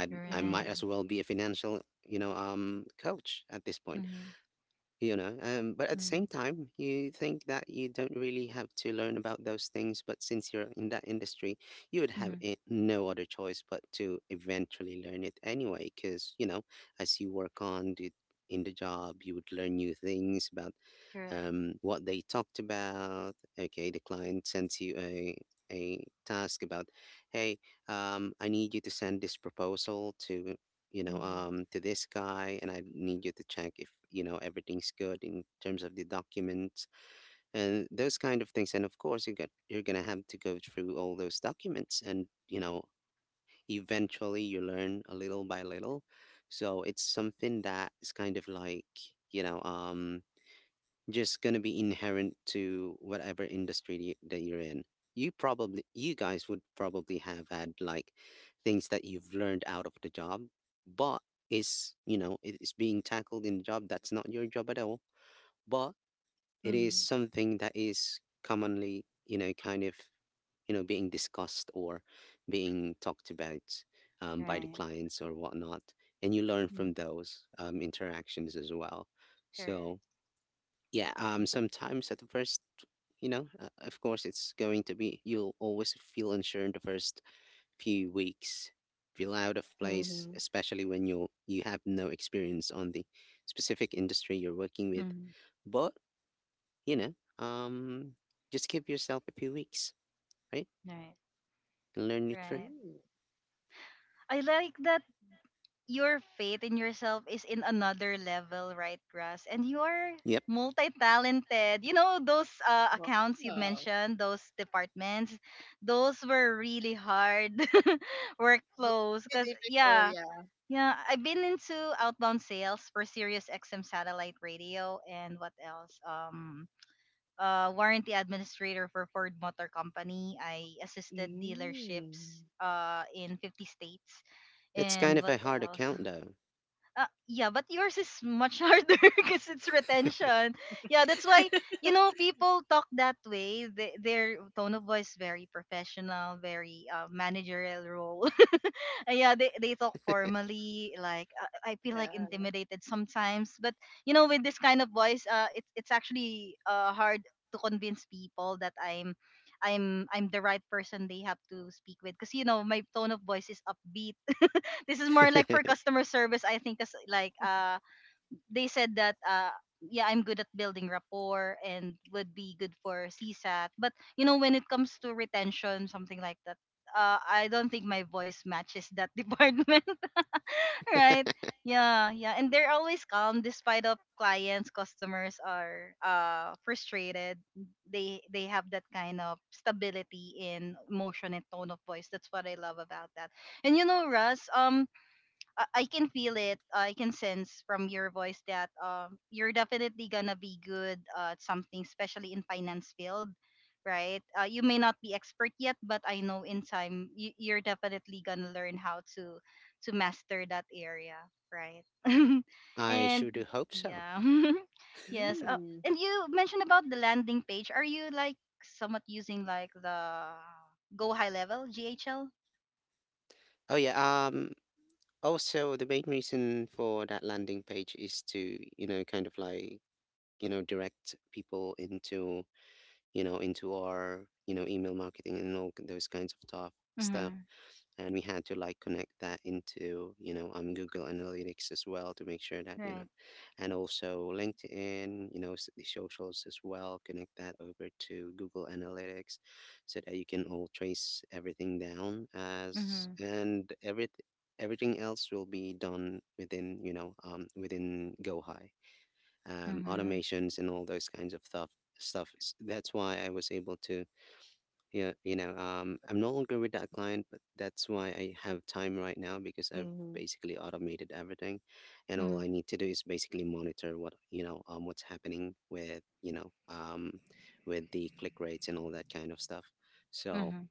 Speaker 2: I'd, I
Speaker 1: Right.
Speaker 2: might
Speaker 3: Mhm.
Speaker 2: as well be a financial, coach at this point,
Speaker 1: Mhm.
Speaker 2: you know. But at the
Speaker 1: Mhm.
Speaker 2: same time, you think that you don't really have to learn about those things. But since you're in that industry, you would
Speaker 1: Mhm.
Speaker 2: have no other choice but to eventually learn it anyway. Because, as you work on in the job, you would learn new things about
Speaker 1: Correct.
Speaker 2: what they talked about. Okay, the client sends you a task about, hey, I need you to send this proposal to
Speaker 3: Mhm.
Speaker 2: to this guy, and I need you to check if everything's good in terms of the documents and those kind of things. And of course, you're gonna have to go through all those documents, and eventually you learn a little by little. So it's something that is kind of like you know um just gonna be inherent to whatever that you're in. You guys would probably have had like things that you've learned out of the job, but is it is being tackled in the job that's not your job at all, but it is
Speaker 1: Mhm.
Speaker 2: something that is commonly kind of being discussed or being talked about by the
Speaker 1: Right.
Speaker 2: clients or whatnot, and you learn
Speaker 1: Mm.
Speaker 2: from those interactions as well.
Speaker 1: Correct.
Speaker 2: So yeah, sometimes at the first of course it's going to be you'll always feel unsure in the first few weeks, feel out of
Speaker 3: Mhm.
Speaker 2: place, especially when you have no experience on the specific industry you're working with.
Speaker 1: Mhm.
Speaker 2: But you know um just give yourself a few weeks, right,
Speaker 1: Right.
Speaker 2: and learn it
Speaker 1: Right.
Speaker 2: through.
Speaker 3: Ooh,
Speaker 1: I like that your faith in yourself is in another level, right, Russ? And you are
Speaker 2: Yep.
Speaker 1: multi-talented. You know those accounts you
Speaker 3: wow.
Speaker 1: mentioned, those departments, those were really hard workflows.
Speaker 3: It's
Speaker 1: Cause
Speaker 3: difficult,
Speaker 1: yeah,
Speaker 3: yeah.
Speaker 1: yeah, I've been into outbound sales for Sirius XM satellite radio and what else? Warranty administrator for Ford Motor Company. I assisted
Speaker 3: Mm.
Speaker 1: dealerships in 50 states
Speaker 2: That's
Speaker 1: and
Speaker 2: kind
Speaker 1: what
Speaker 2: of a hard
Speaker 1: else.
Speaker 2: account though.
Speaker 1: uh, yeah, but yours is much harder because it's retention. Yeah, that's why, you know, people talk that way. They, their tone of voice very professional, very managerial role. Yeah, they talk formally. Like I feel like
Speaker 3: Yeah.
Speaker 1: intimidated sometimes. But you know, with this kind of voice, it's actually hard to convince people that I'm the right person they have to speak with. Cause you know, my tone of voice is upbeat. This is more like for customer service. I think, cause like they said that Yeah, I'm good at building rapport and would be good for CSAT. But you know, when it comes to retention, something like that, I don't think my voice matches that department. Right? Yeah, yeah. And they're always calm despite of clients, customers are frustrated. They have that kind of stability in motion and tone of voice. That's what I love about that. And you know, Russ, I can feel it. I can sense from your voice that you're definitely gonna be good at something, especially in finance field, right? You may not be expert yet, but I know in time you're definitely gonna learn how to master that area, right?
Speaker 2: I
Speaker 1: And
Speaker 2: sure do hope
Speaker 1: yeah,
Speaker 2: so.
Speaker 1: yes.
Speaker 3: Mm.
Speaker 1: And you mentioned about the landing page. Are you like somewhat using like the Go High Level GHL?
Speaker 2: Oh yeah. Um, Also, the main reason for that landing page is to, kind of like, direct people into, into our, email marketing and all those kinds of
Speaker 1: Mm-hmm.
Speaker 2: stuff, and we had to like connect that into Google Analytics as well to make sure that
Speaker 1: Right.
Speaker 2: and also LinkedIn, the socials as well. Connect that over to Google Analytics, so that you can all trace everything down.
Speaker 1: Mm-hmm.
Speaker 2: As and everything else will be done within within GoHigh, automations and all those kinds of stuff. That's why I was able to, yeah, I'm no longer with that client, but that's why I have time right now, because I've
Speaker 3: Mhm,
Speaker 2: basically automated everything, and
Speaker 1: Mm-hmm.
Speaker 2: all I need to do is basically monitor what, what's happening with, with the click rates and all that kind of stuff.
Speaker 1: Mm-hmm.
Speaker 2: So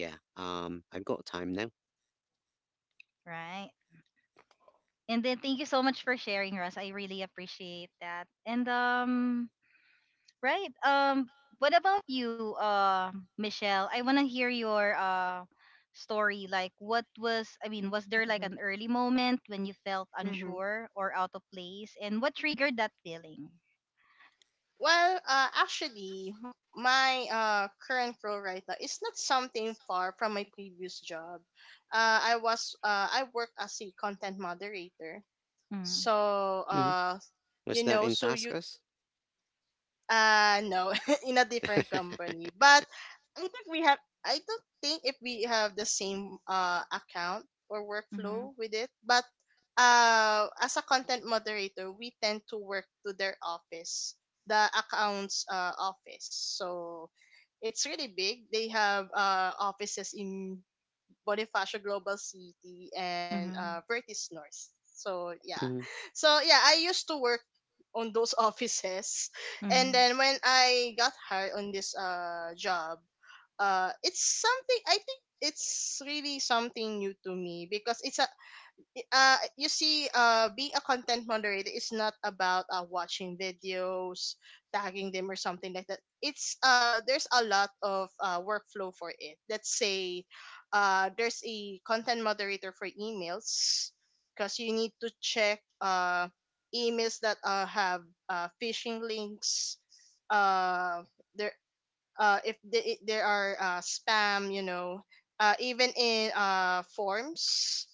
Speaker 2: yeah, I've got time now.
Speaker 1: Right. And then thank you so much for sharing, Russ. I really appreciate that. And right. What about you, Michelle? I wanna hear your story. Like, what was? I mean, was there like an
Speaker 3: mhm,
Speaker 1: early moment when you felt
Speaker 3: mhm.
Speaker 1: unsure or out of place, and what triggered that feeling?
Speaker 3: Well, actually, my current role right now is not something far from my previous job. I work as a content moderator,
Speaker 1: Mm-hmm.
Speaker 3: so
Speaker 2: Hmm.
Speaker 3: you
Speaker 2: Was
Speaker 3: know,
Speaker 2: that in
Speaker 3: so you.
Speaker 2: Taskus?
Speaker 3: No, in a different company. But I think we have, I don't think if we have the same account or
Speaker 1: Mm-hmm.
Speaker 3: workflow with it, but as a content moderator, we tend to work to their office, the account's office. So it's really big. They have offices in Bonifacio Global City, and
Speaker 1: Mm-hmm.
Speaker 3: Vertis North. So yeah,
Speaker 2: Hmm.
Speaker 3: so yeah, I used to work on those offices, and
Speaker 1: Mm-hmm.
Speaker 3: then when I got hired on this job, it's something, I think it's really something new to me because it's a you see, being a content moderator is not about watching videos, tagging them or something like that. It's, there's a lot of workflow for it. Let's say there's a content moderator for emails, because you need to check emails that have phishing links, uh if the, there are, spam, you know, even in forms,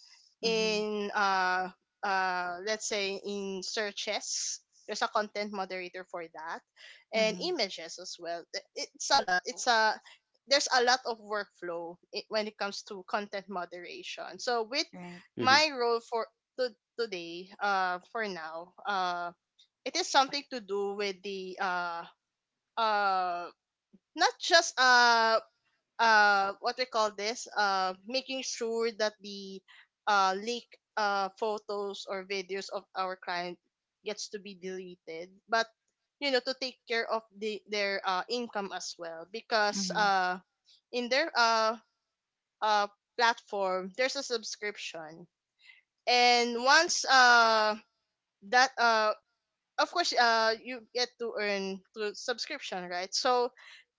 Speaker 1: Mm-hmm.
Speaker 3: in let's say in searches, there's a content moderator for that, and
Speaker 1: Mm-hmm.
Speaker 3: images as well. It's a lot. It's a there's a lot of workflow when it comes to content moderation. So with
Speaker 1: Right.
Speaker 3: my
Speaker 2: Hmm.
Speaker 3: role for to, today, for now, it is something to do with the, uh not just what we call this, making sure that the leak photos or videos of our client gets to be deleted. But, you know, to take care of the their income as well, because
Speaker 1: Mm-hmm.
Speaker 3: in their uh platform there's a subscription, and once that of course you get to earn through subscription, right? So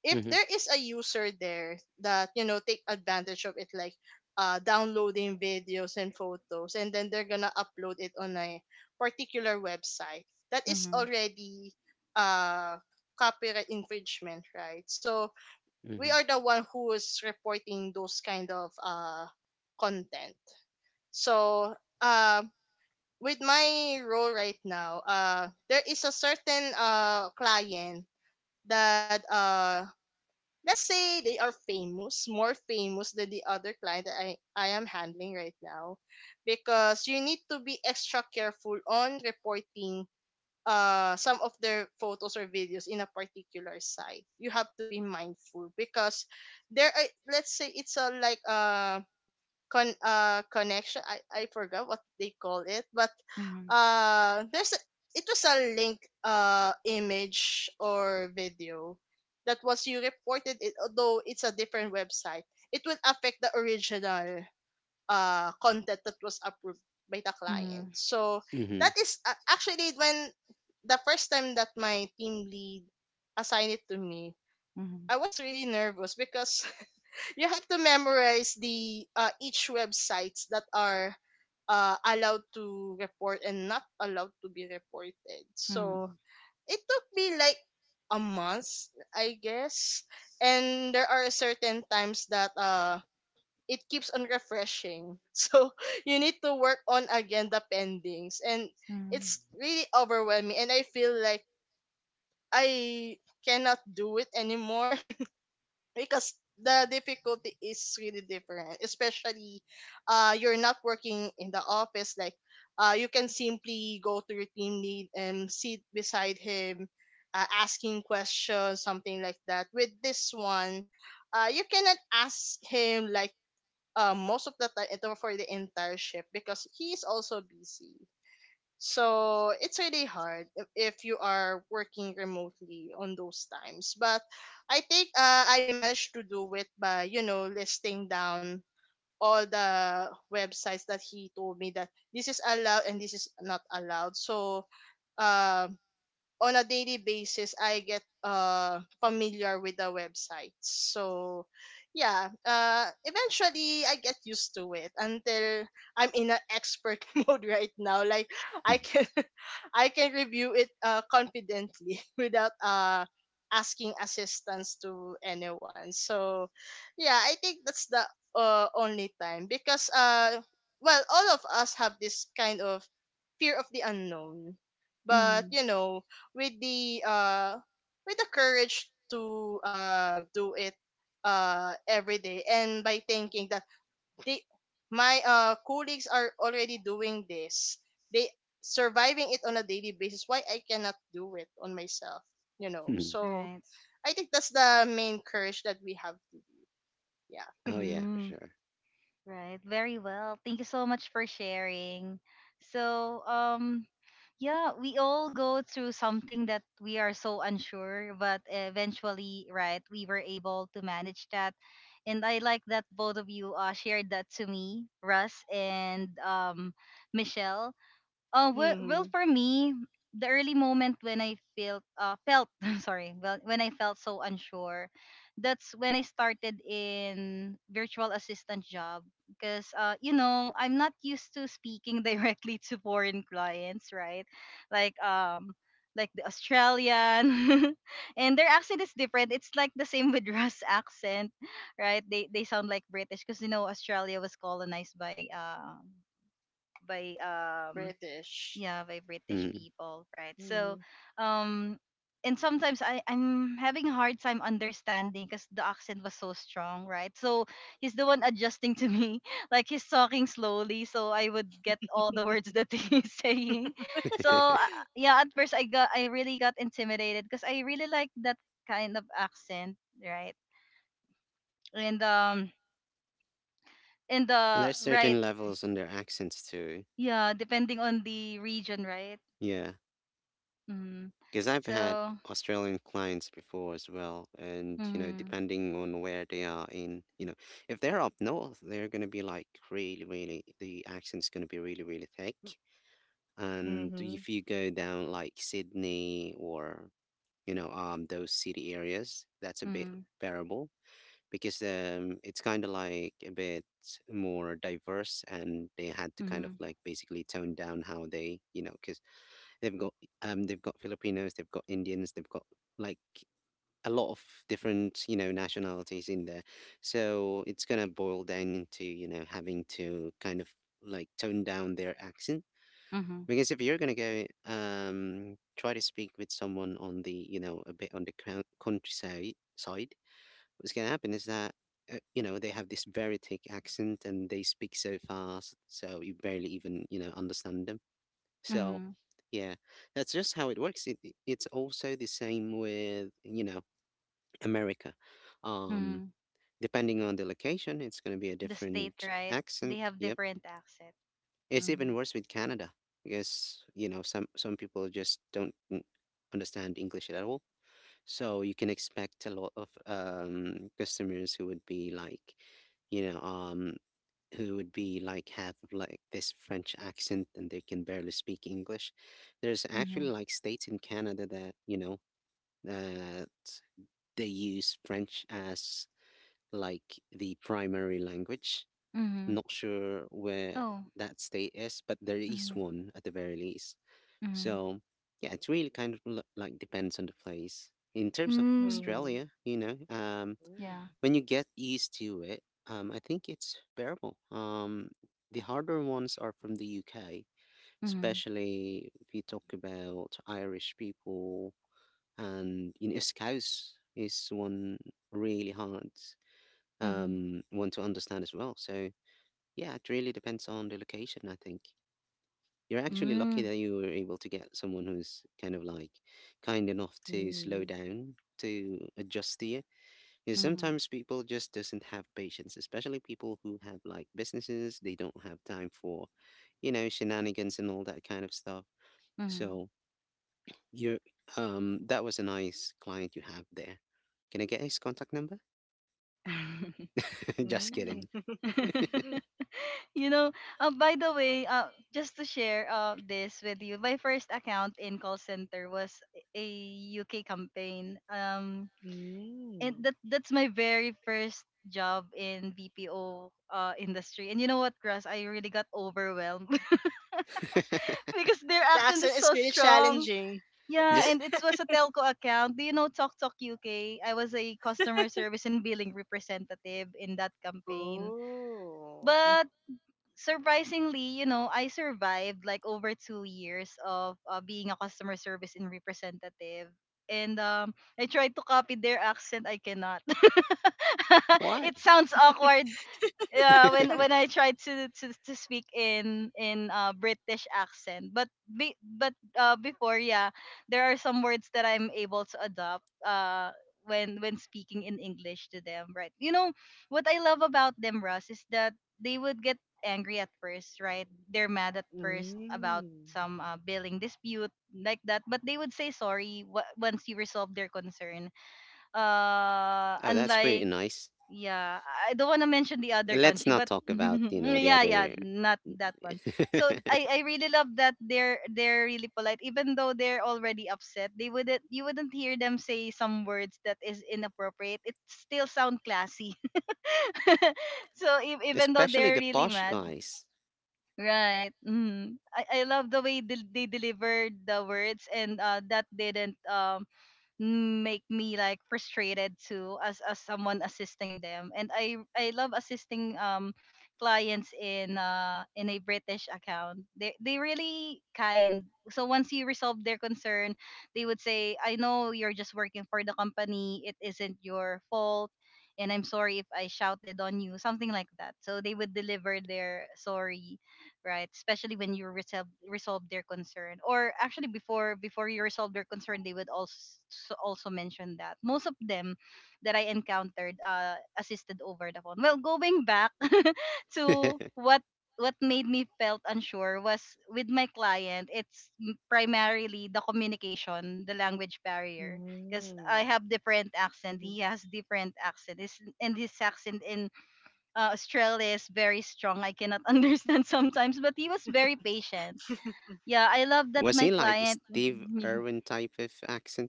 Speaker 3: if there
Speaker 2: Hmm.
Speaker 3: is a user there that, you know, take advantage of it, like downloading videos and photos and then they're gonna upload it on a particular website that is
Speaker 1: Mm-hmm.
Speaker 3: already uh copyright infringement, right? So we are
Speaker 2: Hmm.
Speaker 3: the one who is reporting those kind of content. So um with my role right now, there is a certain client that, let's say, they are famous, more famous than the other client that I am handling right now. Because you need to be extra careful on reporting some of their photos or videos in a particular site. You have to be mindful because there are, let's say, it's a like, connection, I forgot what they call it, but
Speaker 1: Mm-hmm.
Speaker 3: there's a, it was a link, image or video that was you reported it, although it's a different website, it will affect the original content that was approved by the client.
Speaker 1: Mm-hmm.
Speaker 3: So that
Speaker 2: Hmm.
Speaker 3: is, actually, when the first time that my team lead assigned it to me,
Speaker 1: Mm-hmm.
Speaker 3: I was really nervous because you have to memorize the each websites that are allowed to report and not allowed to be reported. So it took me like a month, I guess. And there are certain times that it keeps on refreshing. So you need to work on again the pendings, and it's
Speaker 1: Mm-hmm.
Speaker 3: really overwhelming, and I feel like I cannot do it anymore, because the difficulty is really different, especially you're not working in the office. Like you can simply go to your team lead and sit beside him, asking questions something like that. With this one you cannot ask him like, most of the time ito for the entire shift, because he is also busy. So it's really hard if you are working remotely on those times. But I think, I managed to do it by, you know, listing down all the websites that he told me that this is allowed and this is not allowed. So um on a daily basis I get familiar with the website. So yeah, eventually I get used to it, until I'm in an expert mode right now. Like I can I can review it confidently without asking assistance to anyone. So yeah, I think that's the only time, because well all of us have this kind of fear of the unknown.
Speaker 1: Mm-hmm.
Speaker 3: But you know, with the courage to do it every day, and by thinking that they my colleagues are already doing this, they surviving it on a daily basis, why I cannot do it on myself, you know?
Speaker 2: Hmm.
Speaker 3: So
Speaker 1: Right.
Speaker 3: I think that's the main courage that we have. Yeah.
Speaker 2: Oh yeah, for
Speaker 1: Mm,
Speaker 2: sure.
Speaker 1: right. Very well. Thank you so much for sharing. So, yeah, we all go through something that we are so unsure, but eventually, right, we were able to manage that. And I like that both of you shared that to me, Russ and Michelle. Well,
Speaker 3: Mm-hmm.
Speaker 1: for me, the early moment when I felt sorry, well, when I felt so unsure, that's when I started in virtual assistant job because you know I'm not used to speaking directly to foreign clients, right? Like um, like the Australian, and their accent is different. It's like the same with Russ accent, right? They sound like British because you know Australia was colonized by by um
Speaker 3: British.
Speaker 1: yeah by British
Speaker 2: Mm.
Speaker 1: people, right? So
Speaker 3: Mm-hmm.
Speaker 1: um and sometimes I'm having a hard time understanding because the accent was so strong, right? So he's the one adjusting to me. Like he's talking slowly, so I would get all the words that he's saying. So
Speaker 2: And
Speaker 1: yeah, at first I really got intimidated because I really like that kind of accent, right? And in the
Speaker 2: there's
Speaker 1: right,
Speaker 2: certain levels on their accents too.
Speaker 1: yeah, depending on the region, right?
Speaker 2: Yeah,
Speaker 1: Mm.
Speaker 2: because I've had
Speaker 1: So
Speaker 2: Australian clients before as well. And,
Speaker 1: mm,
Speaker 2: depending on where they are in, if they're up north, they're going to be like really, really the accent's going to be really, really thick. And if you go down like Sydney, or, those city areas, that's a bit
Speaker 1: mm.
Speaker 2: bearable, because it's kind of like a bit more diverse and they had to kind of
Speaker 1: Mm-hmm.
Speaker 2: like basically tone down how they, because they've got they've got Filipinos, they've got Indians, they've got like a lot of different nationalities in there. So it's gonna boil down into having to kind of like tone down their accent,
Speaker 1: Mm-hmm.
Speaker 2: because if you're gonna go try to speak with someone on the, a bit on the countryside side, what's gonna happen is that they have this very thick accent and they speak so fast, so you barely even understand them. So
Speaker 1: Mm-hmm.
Speaker 2: yeah, that's just how it works. It's also the same with America.
Speaker 1: Mm-hmm.
Speaker 2: Um, Depending on the location, it's going to be a
Speaker 1: The state,
Speaker 2: different
Speaker 1: right? They
Speaker 2: accent.
Speaker 1: have
Speaker 2: Yep.
Speaker 1: different accent.
Speaker 2: It's
Speaker 1: Mm-hmm.
Speaker 2: even worse with Canada because, some people just don't understand English at all. So you can expect a lot of customers who would be like, you know, um, who would be like have like this French accent and they can barely speak English. There's
Speaker 1: Mm-hmm.
Speaker 2: actually like states in Canada that, that they use French as like the primary language.
Speaker 1: Mm-hmm.
Speaker 2: I'm not sure where
Speaker 1: Oh.
Speaker 2: that state is, but there is
Speaker 1: Mm-hmm.
Speaker 2: one at the very least.
Speaker 1: Mm-hmm.
Speaker 2: So, yeah, it really kind of like depends on the place. In terms of
Speaker 1: Mm.
Speaker 3: Mm-hmm.
Speaker 2: Australia,
Speaker 3: Mm-hmm.
Speaker 1: Yeah.
Speaker 2: when you get used to it, I think it's bearable. The harder ones are from the UK,
Speaker 1: Mm-hmm.
Speaker 2: especially if you talk about Irish people, and Scouse is one really hard
Speaker 1: Mm-hmm.
Speaker 2: want to understand as well. So yeah, it really depends on the location. I think you're actually lucky
Speaker 1: Mm.
Speaker 2: that you were able to get someone who's kind of like kind enough to slow
Speaker 3: Mm.
Speaker 2: down to adjust to you. Because
Speaker 1: Mm-hmm.
Speaker 2: sometimes people just doesn't have patience, especially people who have like businesses. They don't have time for, shenanigans and all that kind of stuff. So you're that was a nice client you have there. Can I get his contact number?
Speaker 1: Mm-hmm.
Speaker 2: Just
Speaker 3: Mm-hmm.
Speaker 2: kidding.
Speaker 3: hmm mm mm hmm
Speaker 1: You know, by the way, just to share this with you, my first account in call center was a UK campaign. And
Speaker 3: mm.
Speaker 1: that's my very first job in BPO industry. And you know what, Grass, I really got overwhelmed because their
Speaker 3: The
Speaker 1: accent is
Speaker 3: accent is
Speaker 1: so
Speaker 3: really
Speaker 1: strong.
Speaker 3: challenging.
Speaker 1: Yeah,
Speaker 2: Just
Speaker 1: and it was a telco account. Do you know Talk Talk UK? I was a customer service and billing representative in that campaign.
Speaker 3: Oh.
Speaker 1: But surprisingly, you know, I survived like over 2 years of being a customer service and representative. And I tried to copy their accent. I cannot.
Speaker 2: why?
Speaker 1: It sounds awkward. Yeah, when when I tried to to, to speak in British accent but before, yeah, there are some words that I'm able to adopt when speaking in English to them, right? You know what I love about them, Russ, is that they would get angry at first, right? They're mad at first about
Speaker 3: Mm.
Speaker 1: some billing dispute like that, but they would say sorry once you resolve their concern,
Speaker 2: Oh, that's pretty
Speaker 1: unlike,
Speaker 2: nice.
Speaker 1: yeah, I don't want to mention the other
Speaker 2: Let's
Speaker 1: country,
Speaker 2: not
Speaker 1: but
Speaker 2: talk about, the
Speaker 1: yeah, yeah,
Speaker 2: other.
Speaker 1: not that one. So I really love that they're really polite, even though they're already upset. They wouldn't You wouldn't hear them say some words that is inappropriate. It still sound classy. So even though
Speaker 2: Especially
Speaker 1: they're
Speaker 2: the
Speaker 1: really
Speaker 2: posh
Speaker 1: mad,
Speaker 2: guys.
Speaker 1: right? Mm. I love the way they delivered the words, and that didn't make me like frustrated too as someone assisting them, and I love assisting clients in a British account. They really kind. So once you resolve their concern, they would say, I know you're just working for the company, it isn't your fault, and I'm sorry if I shouted on you, something like that. So they would deliver their sorry, right? Especially when you resolve their concern, or actually before you resolve their concern, they would also mention that most of them that I encountered assisted over the phone. Well, going back to what made me felt unsure was with my client. Primarily the communication, the language barrier, because I
Speaker 3: Mm.
Speaker 1: have different accent,
Speaker 3: Mhm.
Speaker 1: he has different accent. And his accent in Australia is very strong. I cannot understand sometimes, but he was very patient. Yeah, I love that
Speaker 2: Was
Speaker 1: my
Speaker 2: he like a
Speaker 1: client.
Speaker 2: Steve Irwin type of accent?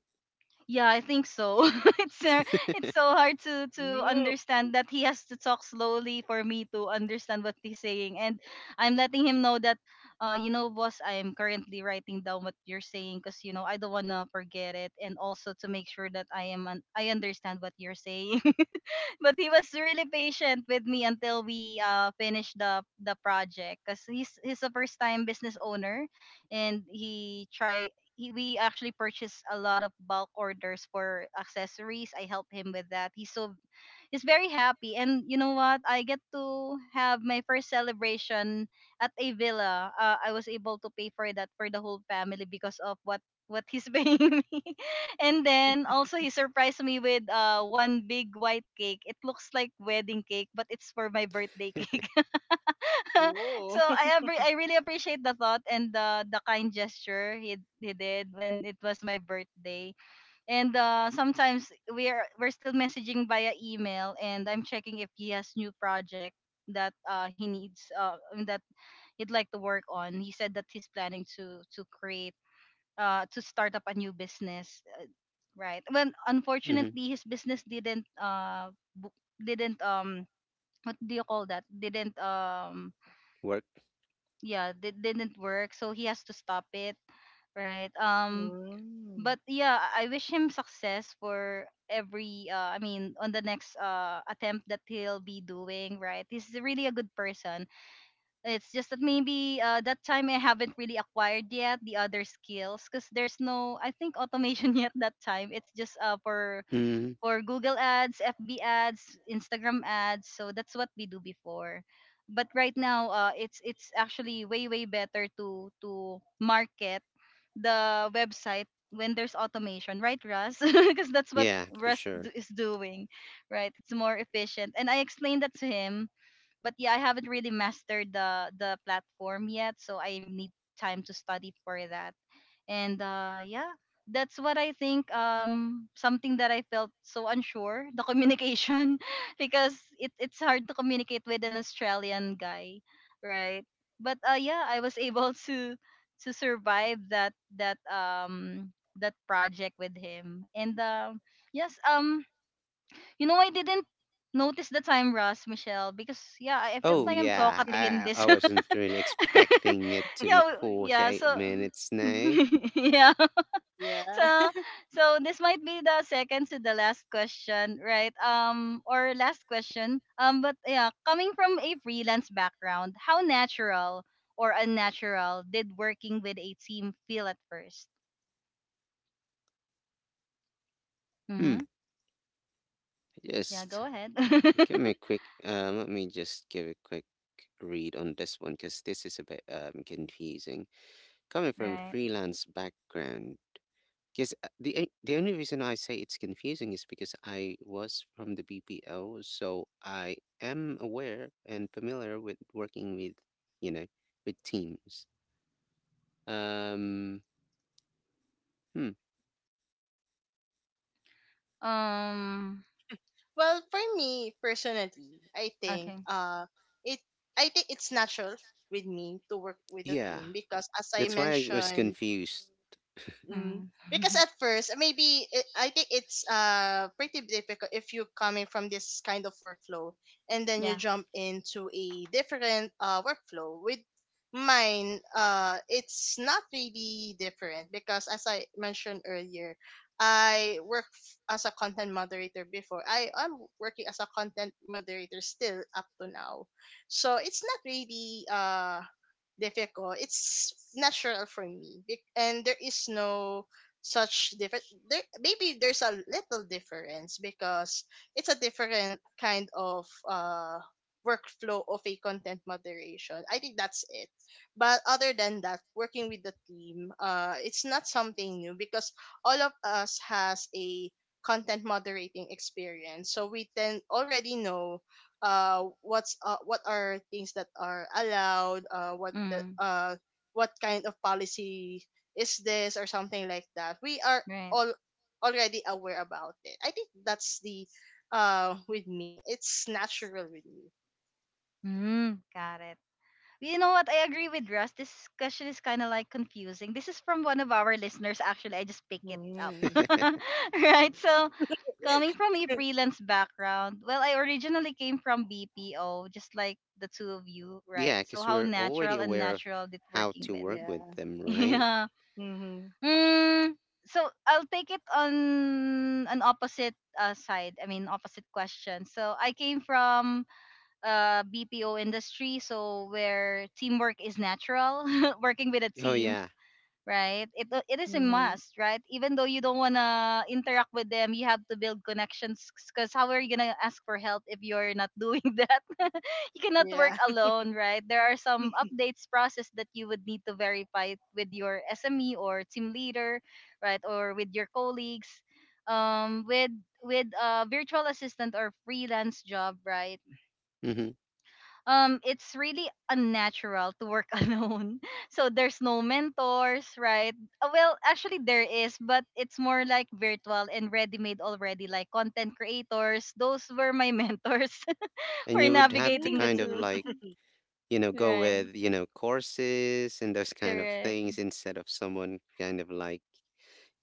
Speaker 1: Yeah, I think so. it's uh, it's so hard to
Speaker 3: Mm.
Speaker 1: understand that he has to talk slowly for me to understand what he's saying, and I'm letting him know that, you know, boss, I am currently writing down what you're saying because you know I don't wanna forget it, and also to make sure that I understand what you're saying. But he was really patient with me until we finished the project because he's a first time business owner, and we actually purchased a lot of bulk orders for accessories. I helped him with that. He's very happy. And you know what? I get to have my first celebration at a villa. I was able to pay for that for the whole family because of what he's paying me. And then also he surprised me with one big white cake. It looks like wedding cake, but it's for my birthday cake.
Speaker 3: Ooh.
Speaker 1: So I really appreciate the thought and the kind gesture he did when it was my birthday. And sometimes we're still messaging via email, and I'm checking if he has new project that he needs that he'd like to work on. He said that he's planning to create to start up a new business, right. Well,
Speaker 2: Hmm.
Speaker 1: unfortunately his business didn't bu- didn't what do you call that didn't yeah didn't work, so he has to stop it, right.
Speaker 3: Mm.
Speaker 1: But yeah, I wish him success for every on the next attempt that he'll be doing, right? He's really a good person. It's just that maybe that time I haven't really acquired yet the other skills because there's no I think automation yet that time. It's just for
Speaker 2: Hmm.
Speaker 1: Google ads, FB ads, Instagram ads. So that's what we do before. But right now it's actually way better to market the website when there's automation, right, Russ? Because that's what
Speaker 2: Yeah, for sure.
Speaker 1: Is doing, right? It's more efficient. And I explained that to him, but yeah, I haven't really mastered the platform yet, so I need time to study for that. And yeah, that's what I think, something that I felt so unsure: the communication. Because it's hard to communicate with an Australian guy, right? But yeah, I was able to survive that that project with him. And yes, you know, I didn't notice the time, Ross, Michelle, because yeah, I felt
Speaker 2: Oh
Speaker 1: like I'm
Speaker 2: yeah,
Speaker 3: Mm.
Speaker 1: talkative in this.
Speaker 2: I wasn't really expecting it to be forty
Speaker 1: Yeah,
Speaker 2: eight
Speaker 1: so
Speaker 2: minutes now.
Speaker 1: yeah,
Speaker 3: Yeah.
Speaker 1: so so this might be the second to the last question, right? Or last question, but yeah, coming from a freelance background, how natural or unnatural did working with a team feel at first?
Speaker 2: Hmm.
Speaker 1: Mm-hmm. Yeah,
Speaker 2: Just
Speaker 1: go ahead.
Speaker 2: give me a quick, let me just give a quick read on this one because this is a bit confusing. Coming from a
Speaker 1: Right.
Speaker 2: freelance background, because the only reason I say it's confusing is because I was from the BPO, so I am aware and familiar with working with, you know, with teams. Um, hmm,
Speaker 1: um
Speaker 3: Well, for me personally, I think
Speaker 1: okay.
Speaker 3: it I think it's natural with me to work with a
Speaker 2: yeah,
Speaker 3: team because, as I
Speaker 2: that's why I was
Speaker 3: mentioned,
Speaker 2: confused.
Speaker 3: Mm.
Speaker 1: Mm.
Speaker 3: Because at first, maybe it, I think it's pretty difficult if you're coming from this kind of workflow and then you
Speaker 1: Yeah.
Speaker 3: jump into a different workflow. With mine, it's not really different, because as I mentioned earlier, I work as a content moderator before. I am working as a content moderator still up to now, so it's not really difficult. It's natural for me, and there is no such different. There maybe there's a little difference because it's a different kind of workflow of a content moderation. I think that's it. But other than that, working with the team, it's not something new, because all of us has a content moderating experience, so we then already know what are things that are allowed,
Speaker 1: Mm.
Speaker 3: what kind of policy is this or something like that, we are
Speaker 1: Right.
Speaker 3: all already aware about it. I think that's the, with me it's natural with me.
Speaker 1: Mm. Got it. You know what? I agree with Russ. This question is kind of like confusing. This is from one of our listeners, actually. I just pick it up.
Speaker 3: Mm.
Speaker 1: Right? So, coming from a freelance background, well, I originally came from BPO, just like the two of you, right?
Speaker 2: Yeah,
Speaker 1: So,
Speaker 2: because
Speaker 1: how
Speaker 2: we're already
Speaker 1: natural and
Speaker 2: aware of
Speaker 1: natural did
Speaker 2: how
Speaker 1: working
Speaker 2: to
Speaker 1: with?
Speaker 2: work with
Speaker 3: yeah.
Speaker 2: them, right?
Speaker 1: Yeah.
Speaker 3: Mm-hmm.
Speaker 1: Mm, so, I'll take it on an opposite side. I mean, opposite question. So, I came from BPO industry, so where teamwork is natural, working with a
Speaker 2: Oh
Speaker 1: team,
Speaker 2: yeah.
Speaker 1: right? It is a
Speaker 3: Mm-hmm.
Speaker 1: must, right? Even though you don't wanna interact with them, you have to build connections. Cause how are you gonna ask for help if you're not doing that? You cannot work
Speaker 3: Yeah.
Speaker 1: alone, right? There are some updates process that you would need to verify with your SME or team leader, right, or with your colleagues. With a virtual assistant or freelance job, right?
Speaker 2: Hmm.
Speaker 1: It's really unnatural to work alone, so there's no mentors, right? Well actually there is, but it's more like virtual and ready made already, like content creators. Those were my mentors
Speaker 2: And
Speaker 1: for
Speaker 2: you would have to
Speaker 1: navigating the
Speaker 2: kind of
Speaker 3: mm.
Speaker 1: tools.
Speaker 2: like, go
Speaker 1: Right.
Speaker 2: with, courses and those kind of
Speaker 1: Correct.
Speaker 2: things instead of someone kind of like,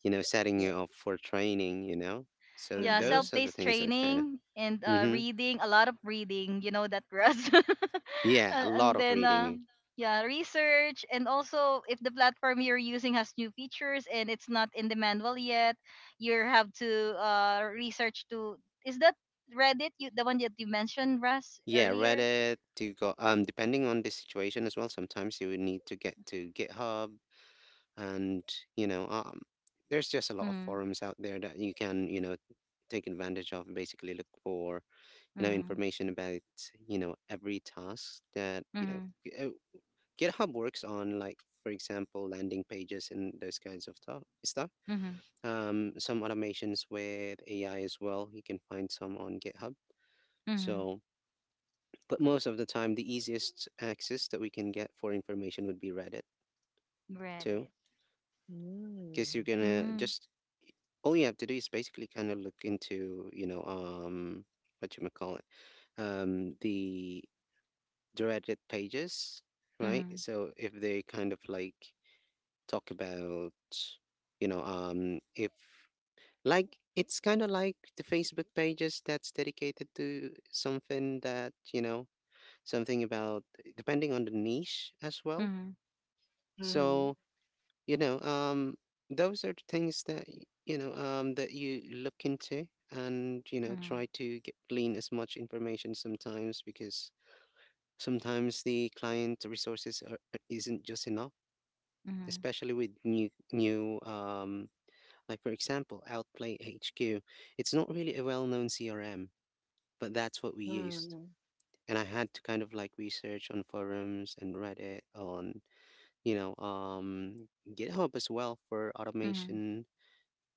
Speaker 2: setting
Speaker 3: Yeah.
Speaker 2: you up for training, you know? So th-
Speaker 1: Yeah,
Speaker 3: Mm-hmm.
Speaker 2: those are the
Speaker 1: self-paced
Speaker 2: things that kind of,
Speaker 1: training and
Speaker 2: mm-hmm.
Speaker 1: reading, a lot of reading, you know that, Russ.
Speaker 2: Yeah, a
Speaker 1: And
Speaker 2: lot of
Speaker 1: then
Speaker 2: reading.
Speaker 1: yeah, research. And also if the platform you're using has new features and it's not in the manual yet, you have to research to, is that Reddit, you, the one that you mentioned, Russ,
Speaker 2: Yeah,
Speaker 1: earlier?
Speaker 2: Reddit to go, depending on the situation as well, sometimes you would need to get to GitHub and, you know, um, there's just a lot of
Speaker 1: Mm-hmm.
Speaker 2: forums out there that you can, take advantage of and basically look for
Speaker 1: Mm-hmm.
Speaker 2: information about every task that g- uh, github works on, like for example landing pages and those kinds of stuff,
Speaker 1: Mm-hmm.
Speaker 2: some automations with AI as well. You can find some on GitHub.
Speaker 1: Mm-hmm.
Speaker 2: So, but most of the time the easiest access that we can get for information would be Reddit too,
Speaker 1: Reddit.
Speaker 2: because you're gonna
Speaker 1: Mm-hmm.
Speaker 2: just, all you have to do is basically kind of look into what you might call it, the directed pages, right?
Speaker 1: Mm-hmm.
Speaker 2: So if they kind of like talk about, if like it's kind of like the Facebook pages that's dedicated to something that, something about, depending on the niche as well.
Speaker 3: Mm-hmm.
Speaker 2: So, you know, um, those are the things that, that you look into and,
Speaker 1: Mm-hmm.
Speaker 2: try to get, glean as much information, sometimes because sometimes the client resources isn't just enough,
Speaker 1: Mm-hmm.
Speaker 2: especially with new, like for example, Outplay HQ. It's not really a well-known CRM, but that's what we used.
Speaker 3: Mm-hmm.
Speaker 2: And I had to kind of like research on forums and Reddit, on you know, um GitHub as well for automation.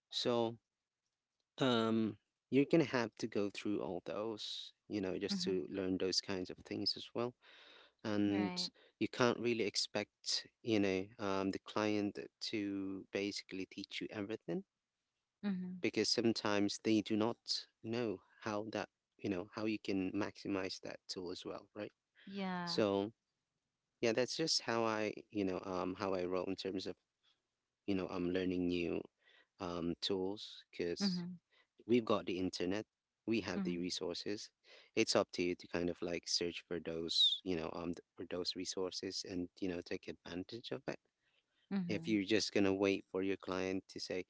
Speaker 2: So, um you're gonna have to go through all those, just
Speaker 1: Mm-hmm.
Speaker 2: to learn those kinds of things as well. And
Speaker 1: Right.
Speaker 2: you can't really expect the client to basically teach you everything, because sometimes they do not know how that how you can maximize that tool as well, right?
Speaker 1: Yeah.
Speaker 2: So yeah, that's just how I, how I roll in terms of I'm learning new tools, because
Speaker 1: Mhm.
Speaker 2: we've got the internet, we have the
Speaker 1: Mhm.
Speaker 2: resources. It's up to you to kind of like search for those, for those resources and, take advantage of it. If
Speaker 1: Mhm.
Speaker 2: you're just gonna wait for your client to say,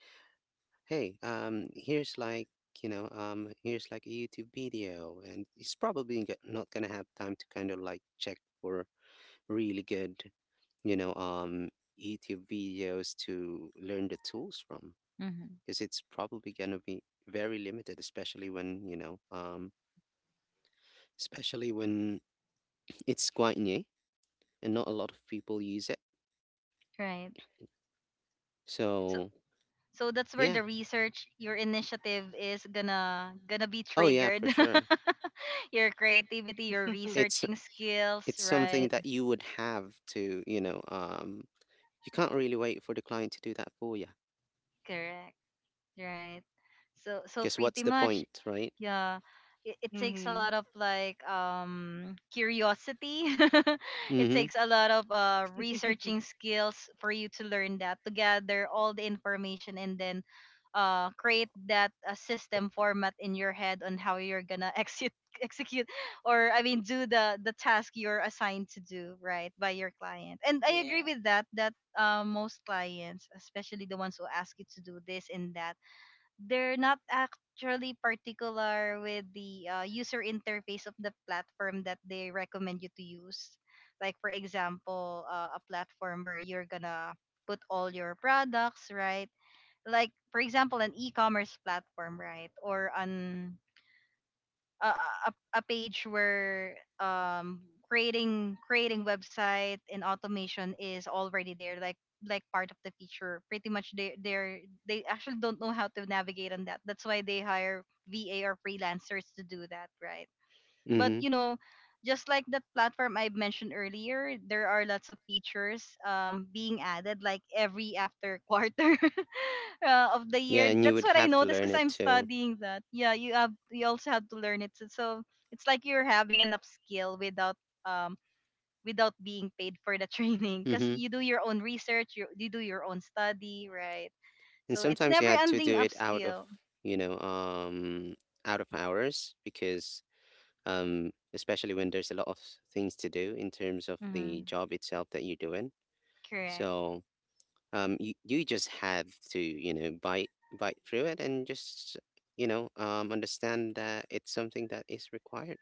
Speaker 2: "Hey, here's like, here's like a YouTube video," and it's probably not gonna have time to kind of like check for really good, you know, um, YouTube videos to learn the tools from,
Speaker 1: Mhm.
Speaker 2: because it's probably going to be very limited, especially when, especially when it's quite new and not a lot of people use it.
Speaker 1: Right. So,
Speaker 2: So,
Speaker 1: so that's where
Speaker 2: yeah.
Speaker 1: the research, your initiative is gonna be
Speaker 2: Oh, yeah, for
Speaker 1: triggered.
Speaker 2: sure.
Speaker 1: Your creativity, your
Speaker 2: It's
Speaker 1: researching skills,
Speaker 2: something
Speaker 1: right?
Speaker 2: that you would have to, you can't really wait for the client to do that for you.
Speaker 1: Correct. Right. So, so
Speaker 2: Because what's
Speaker 1: pretty
Speaker 2: the
Speaker 1: much,
Speaker 2: point, right?
Speaker 1: yeah, it takes a lot of like curiosity. It
Speaker 2: Mm-hmm.
Speaker 1: takes a lot of researching skills for you to learn that, to gather all the information, and then create that system format in your head on how you're gonna execute execute, or I mean, do the task you're assigned to do, right, by your client. And I agree
Speaker 3: yeah.
Speaker 1: with that, that most clients, especially the ones who ask you to do this and that, they're not actually particular with the user interface of the platform that they recommend you to use. Like for example, a platform where you're gonna put all your products, right? Like for example, an e-commerce platform, right? Or an a page where creating website and automation is already there, like part of the feature. Pretty much they they actually don't know how to navigate on that. That's why they hire VA or freelancers to do that, right? But
Speaker 2: Mm-hmm.
Speaker 1: you know, just like that platform I mentioned earlier, there are lots of features being added like every after quarter of the
Speaker 2: Yeah,
Speaker 1: year.
Speaker 2: and you
Speaker 1: That's
Speaker 2: would
Speaker 1: what I
Speaker 2: have to
Speaker 1: noticed
Speaker 2: learn
Speaker 1: because
Speaker 2: it
Speaker 1: I'm
Speaker 2: too.
Speaker 1: studying that. Yeah, you have you also have to learn it. So, so it's like you're having an upskill without um without being paid for the training, because
Speaker 2: Mm-hmm.
Speaker 1: you do your own research, you do your own study, right?
Speaker 2: And
Speaker 1: So it's
Speaker 2: sometimes you
Speaker 1: never
Speaker 2: had to
Speaker 1: ending
Speaker 2: do it out of,
Speaker 1: upskill.
Speaker 2: you know, um, out of hours because especially when there's a lot of things to do in terms of the
Speaker 1: Mm-hmm.
Speaker 2: job itself that you're doing.
Speaker 1: Correct.
Speaker 2: So you you just have to, bite through it and just, understand that it's something that is required.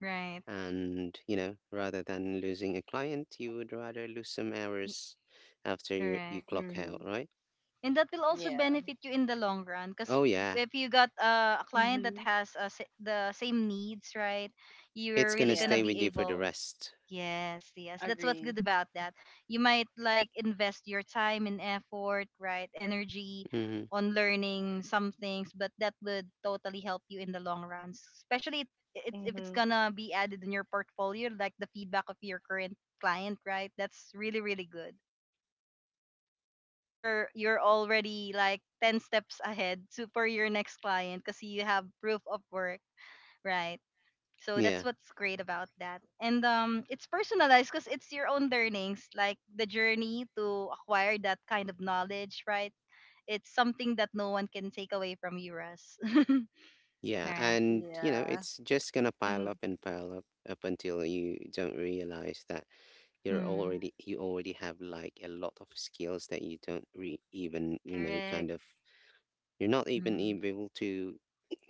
Speaker 1: Right.
Speaker 2: And, rather than losing a client, you would rather lose some
Speaker 1: Y-
Speaker 2: hours after you
Speaker 1: Correct.
Speaker 2: clock out,
Speaker 3: Mm-hmm.
Speaker 2: right?
Speaker 1: And that will also
Speaker 3: Yeah.
Speaker 1: benefit you in the long run
Speaker 2: Oh,
Speaker 1: because
Speaker 2: yeah.
Speaker 1: if you got a client that
Speaker 3: Mhm.
Speaker 1: has the same needs, right,
Speaker 2: It's
Speaker 1: you're
Speaker 2: going to
Speaker 1: really
Speaker 2: stay
Speaker 1: gonna
Speaker 3: Yeah,
Speaker 2: with
Speaker 1: be
Speaker 2: you for the
Speaker 1: able.
Speaker 2: rest.
Speaker 1: Yes, yes, that's what's
Speaker 3: agree.
Speaker 1: good about that. You might like invest your time and effort, right, energy
Speaker 2: Hmm.
Speaker 1: on learning some things, but that would totally help you in the long run, especially if it's
Speaker 3: Mm-hmm.
Speaker 1: gonna be added in your portfolio, like the feedback of your current client, right? That's really really good. You're already like 10 steps ahead to for your next client because you have proof of work, right? So
Speaker 2: Yeah.
Speaker 1: that's what's great about that. And um, it's personalized because it's your own learnings, like the journey to acquire that kind of knowledge, right? It's something that no one can take away from you, Russ.
Speaker 2: Yeah,
Speaker 1: Right.
Speaker 2: and you know,
Speaker 3: Yeah.
Speaker 2: it's just gonna pile
Speaker 3: Mm-hmm.
Speaker 2: up and pile up, up until you don't realize that
Speaker 1: Hmm.
Speaker 2: you already have like a lot of skills that you don't re even, kind
Speaker 1: Correct.
Speaker 2: of, you're not even
Speaker 1: Hmm.
Speaker 2: able to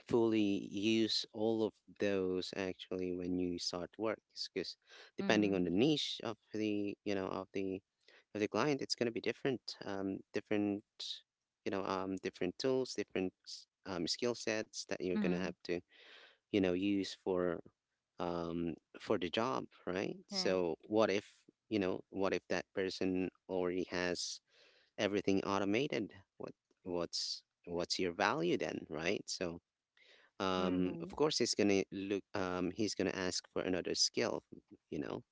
Speaker 2: fully use all of those actually when you start work. Because depending on the
Speaker 1: Hmm.
Speaker 2: niche of the, of the client, it's gonna be different. Different, different tools, different skill sets that you're gonna
Speaker 1: Hmm.
Speaker 2: have to use um for the job, right?
Speaker 1: Right.
Speaker 2: So what if what if that person already has everything automated? what what's your value then, right? So
Speaker 3: Mm-hmm.
Speaker 2: of course he's gonna look he's gonna ask for another skill, you know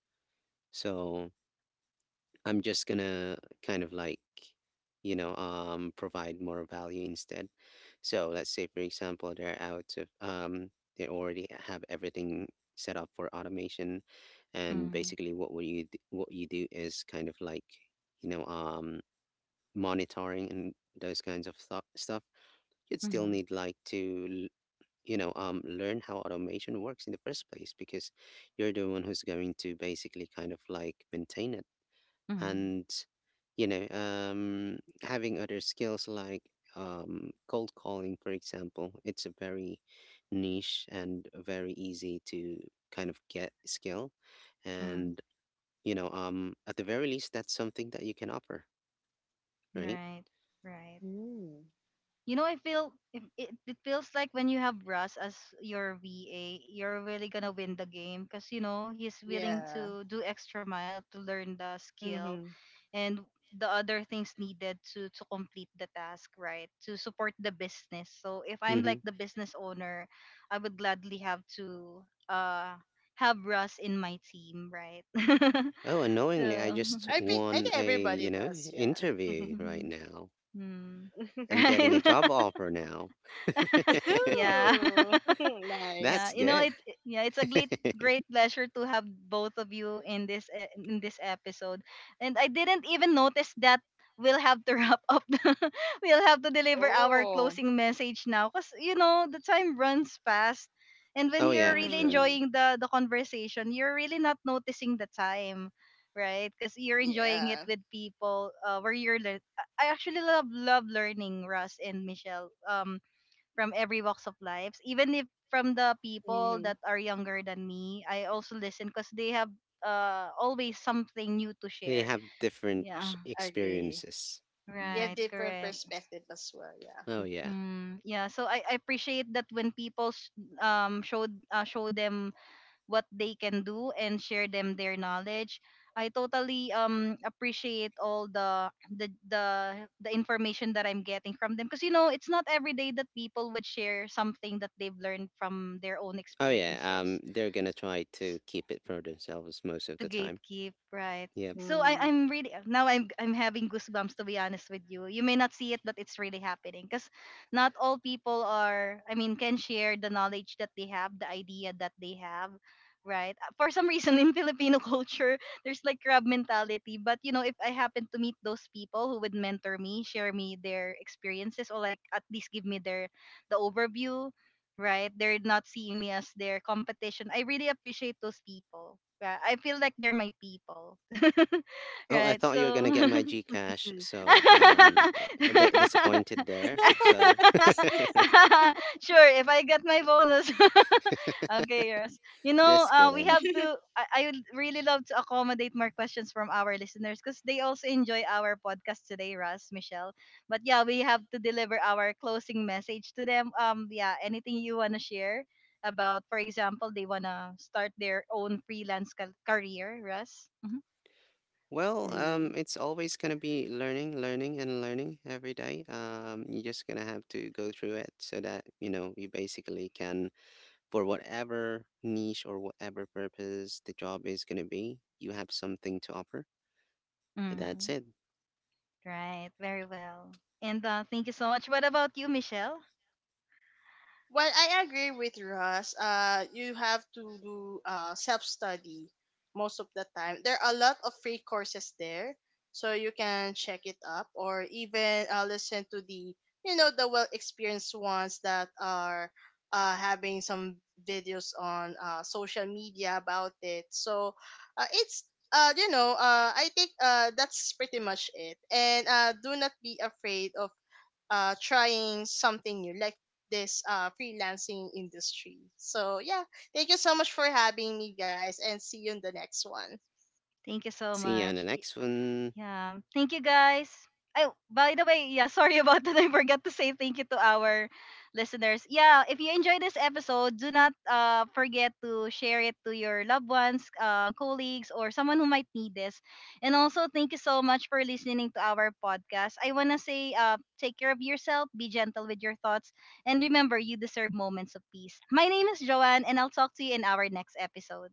Speaker 2: so I'm just gonna kind of like, provide more value instead. So let's say, for example, they already have everything set up for automation, and
Speaker 1: Hmm.
Speaker 2: basically, what what you do is kind of like, you know, um, monitoring and those kinds of stuff. You'd still
Speaker 1: Hmm.
Speaker 2: need like to, learn how automation works in the first place, because you're the one who's going to basically kind of like maintain it.
Speaker 1: Hmm.
Speaker 2: And having other skills like cold calling for example, it's a very niche and a very easy to kind of get skill.
Speaker 1: Hmm.
Speaker 2: And at the very least that's something that you can offer, right?
Speaker 1: Right. Right.
Speaker 3: Mm.
Speaker 1: You know, I feel if it, it feels like when you have Russ as your VA, you're really gonna win the game because you know he's willing
Speaker 3: Yeah.
Speaker 1: to do extra mile to learn the skill
Speaker 3: Mm-hmm.
Speaker 1: and the other things needed to complete the task, right? To support the business. So if I'm
Speaker 2: Mm-hmm.
Speaker 1: like the business owner, I would gladly have to have Russ in my team, right?
Speaker 2: Oh, unknowingly I
Speaker 1: So,
Speaker 2: just
Speaker 3: I
Speaker 2: won
Speaker 3: think
Speaker 2: a,
Speaker 3: everybody does. Yeah.
Speaker 2: interview right now.
Speaker 1: hmm,
Speaker 2: I'm getting a
Speaker 1: right?
Speaker 2: job offer now.
Speaker 1: Yeah.
Speaker 3: Ooh,
Speaker 1: Yeah,
Speaker 2: That's
Speaker 3: nice.
Speaker 1: you know
Speaker 2: good.
Speaker 1: yeah, it's a great great pleasure to have both of you in this in this episode, and I didn't even notice that we'll have to wrap up. We'll have to deliver our
Speaker 3: Oh.
Speaker 1: closing message now because you know the time runs fast. And when
Speaker 2: Oh
Speaker 1: you're
Speaker 2: yeah, for
Speaker 1: really
Speaker 2: sure.
Speaker 3: Mm-hmm.
Speaker 1: enjoying the conversation, you're really not noticing the time, right? Because you're enjoying it
Speaker 3: Yeah.
Speaker 1: with people where you're I actually love love learning, Russ and Michelle. Um, from every walks of lives, even if from the people
Speaker 3: Mm-hmm.
Speaker 1: that are younger than me, I also listen because they have always something new to
Speaker 2: They
Speaker 1: share.
Speaker 2: have
Speaker 1: Yeah,
Speaker 2: different
Speaker 3: Agree.
Speaker 2: experiences.
Speaker 3: You have
Speaker 1: right,
Speaker 3: different
Speaker 1: correct.
Speaker 3: perspective as well.
Speaker 2: Oh
Speaker 3: Yeah.
Speaker 2: yeah.
Speaker 1: Mm, yeah, so I appreciate that when people showed show them what they can do and share them their knowledge. I totally appreciate all the information that I'm getting from them, because you know it's not every day that people would share something that they've learned from their own
Speaker 2: Oh yeah.
Speaker 1: experiences
Speaker 2: They're gonna try to keep it for themselves most of
Speaker 1: to
Speaker 2: the time.
Speaker 1: gatekeep, right?
Speaker 2: Yep.
Speaker 1: So
Speaker 3: Mm.
Speaker 1: I'm really, now I'm having goosebumps to be honest with you. You may not see it, but it's really happening because not all people are, I mean, can share the knowledge that they have, the idea that they have, right? For some reason in Filipino culture, there's like crab mentality. But you know, if I happen to meet those people who would mentor me, share me their experiences, or like at least give me their the overview, right, they're not seeing me as their competition. I really appreciate those people. Yeah, I feel like they're my people,
Speaker 2: Oh, I
Speaker 1: right?
Speaker 2: thought you were gonna get
Speaker 1: So,
Speaker 2: my Gcash, so a bit disappointed there. So
Speaker 1: sure, if I get my bonus. Okay, yes. You know,
Speaker 2: just
Speaker 1: we
Speaker 2: kidding.
Speaker 1: have to. I would really love to accommodate more questions from our listeners because they also enjoy our podcast today, Russ, Michelle. But yeah, we have to deliver our closing message to them. Yeah, anything you wanna share about, for example, they wanna start their own freelance career, Russ. Mm-hmm.
Speaker 2: Well,
Speaker 3: mm.
Speaker 2: it's always gonna be learning, learning, and learning every day. You're just gonna have to go through it so that you know you basically can for whatever niche or whatever purpose the job is going to be, you have something to offer.
Speaker 1: Mm-hmm.
Speaker 2: That's it.
Speaker 1: Right. Very well. And thank you so much. What about you, Michelle?
Speaker 3: Well, I agree with Russ. You have to do self study most of the time. There are a lot of free courses there, so you can check it up, or even listen to the, you know, the well experienced ones that are having some videos on social media about it. So it's you know, I think, that's pretty much it. And do not be afraid of trying something new, like this freelancing industry. So, yeah, thank you so much for having me, guys, and see you in the next one.
Speaker 1: Thank you so
Speaker 2: See you on the
Speaker 1: much.
Speaker 2: next one.
Speaker 1: Yeah. Thank you guys. Oh, by the way, yeah, sorry about that. I forgot to say thank you to our listeners. Yeah, if you enjoy this episode, do not forget to share it to your loved ones, colleagues, or someone who might need this. And also, thank you so much for listening to our podcast. I want to say take care of yourself, be gentle with your thoughts, and remember you deserve moments of peace. My name is Joanne, and I'll talk to you in our next episode.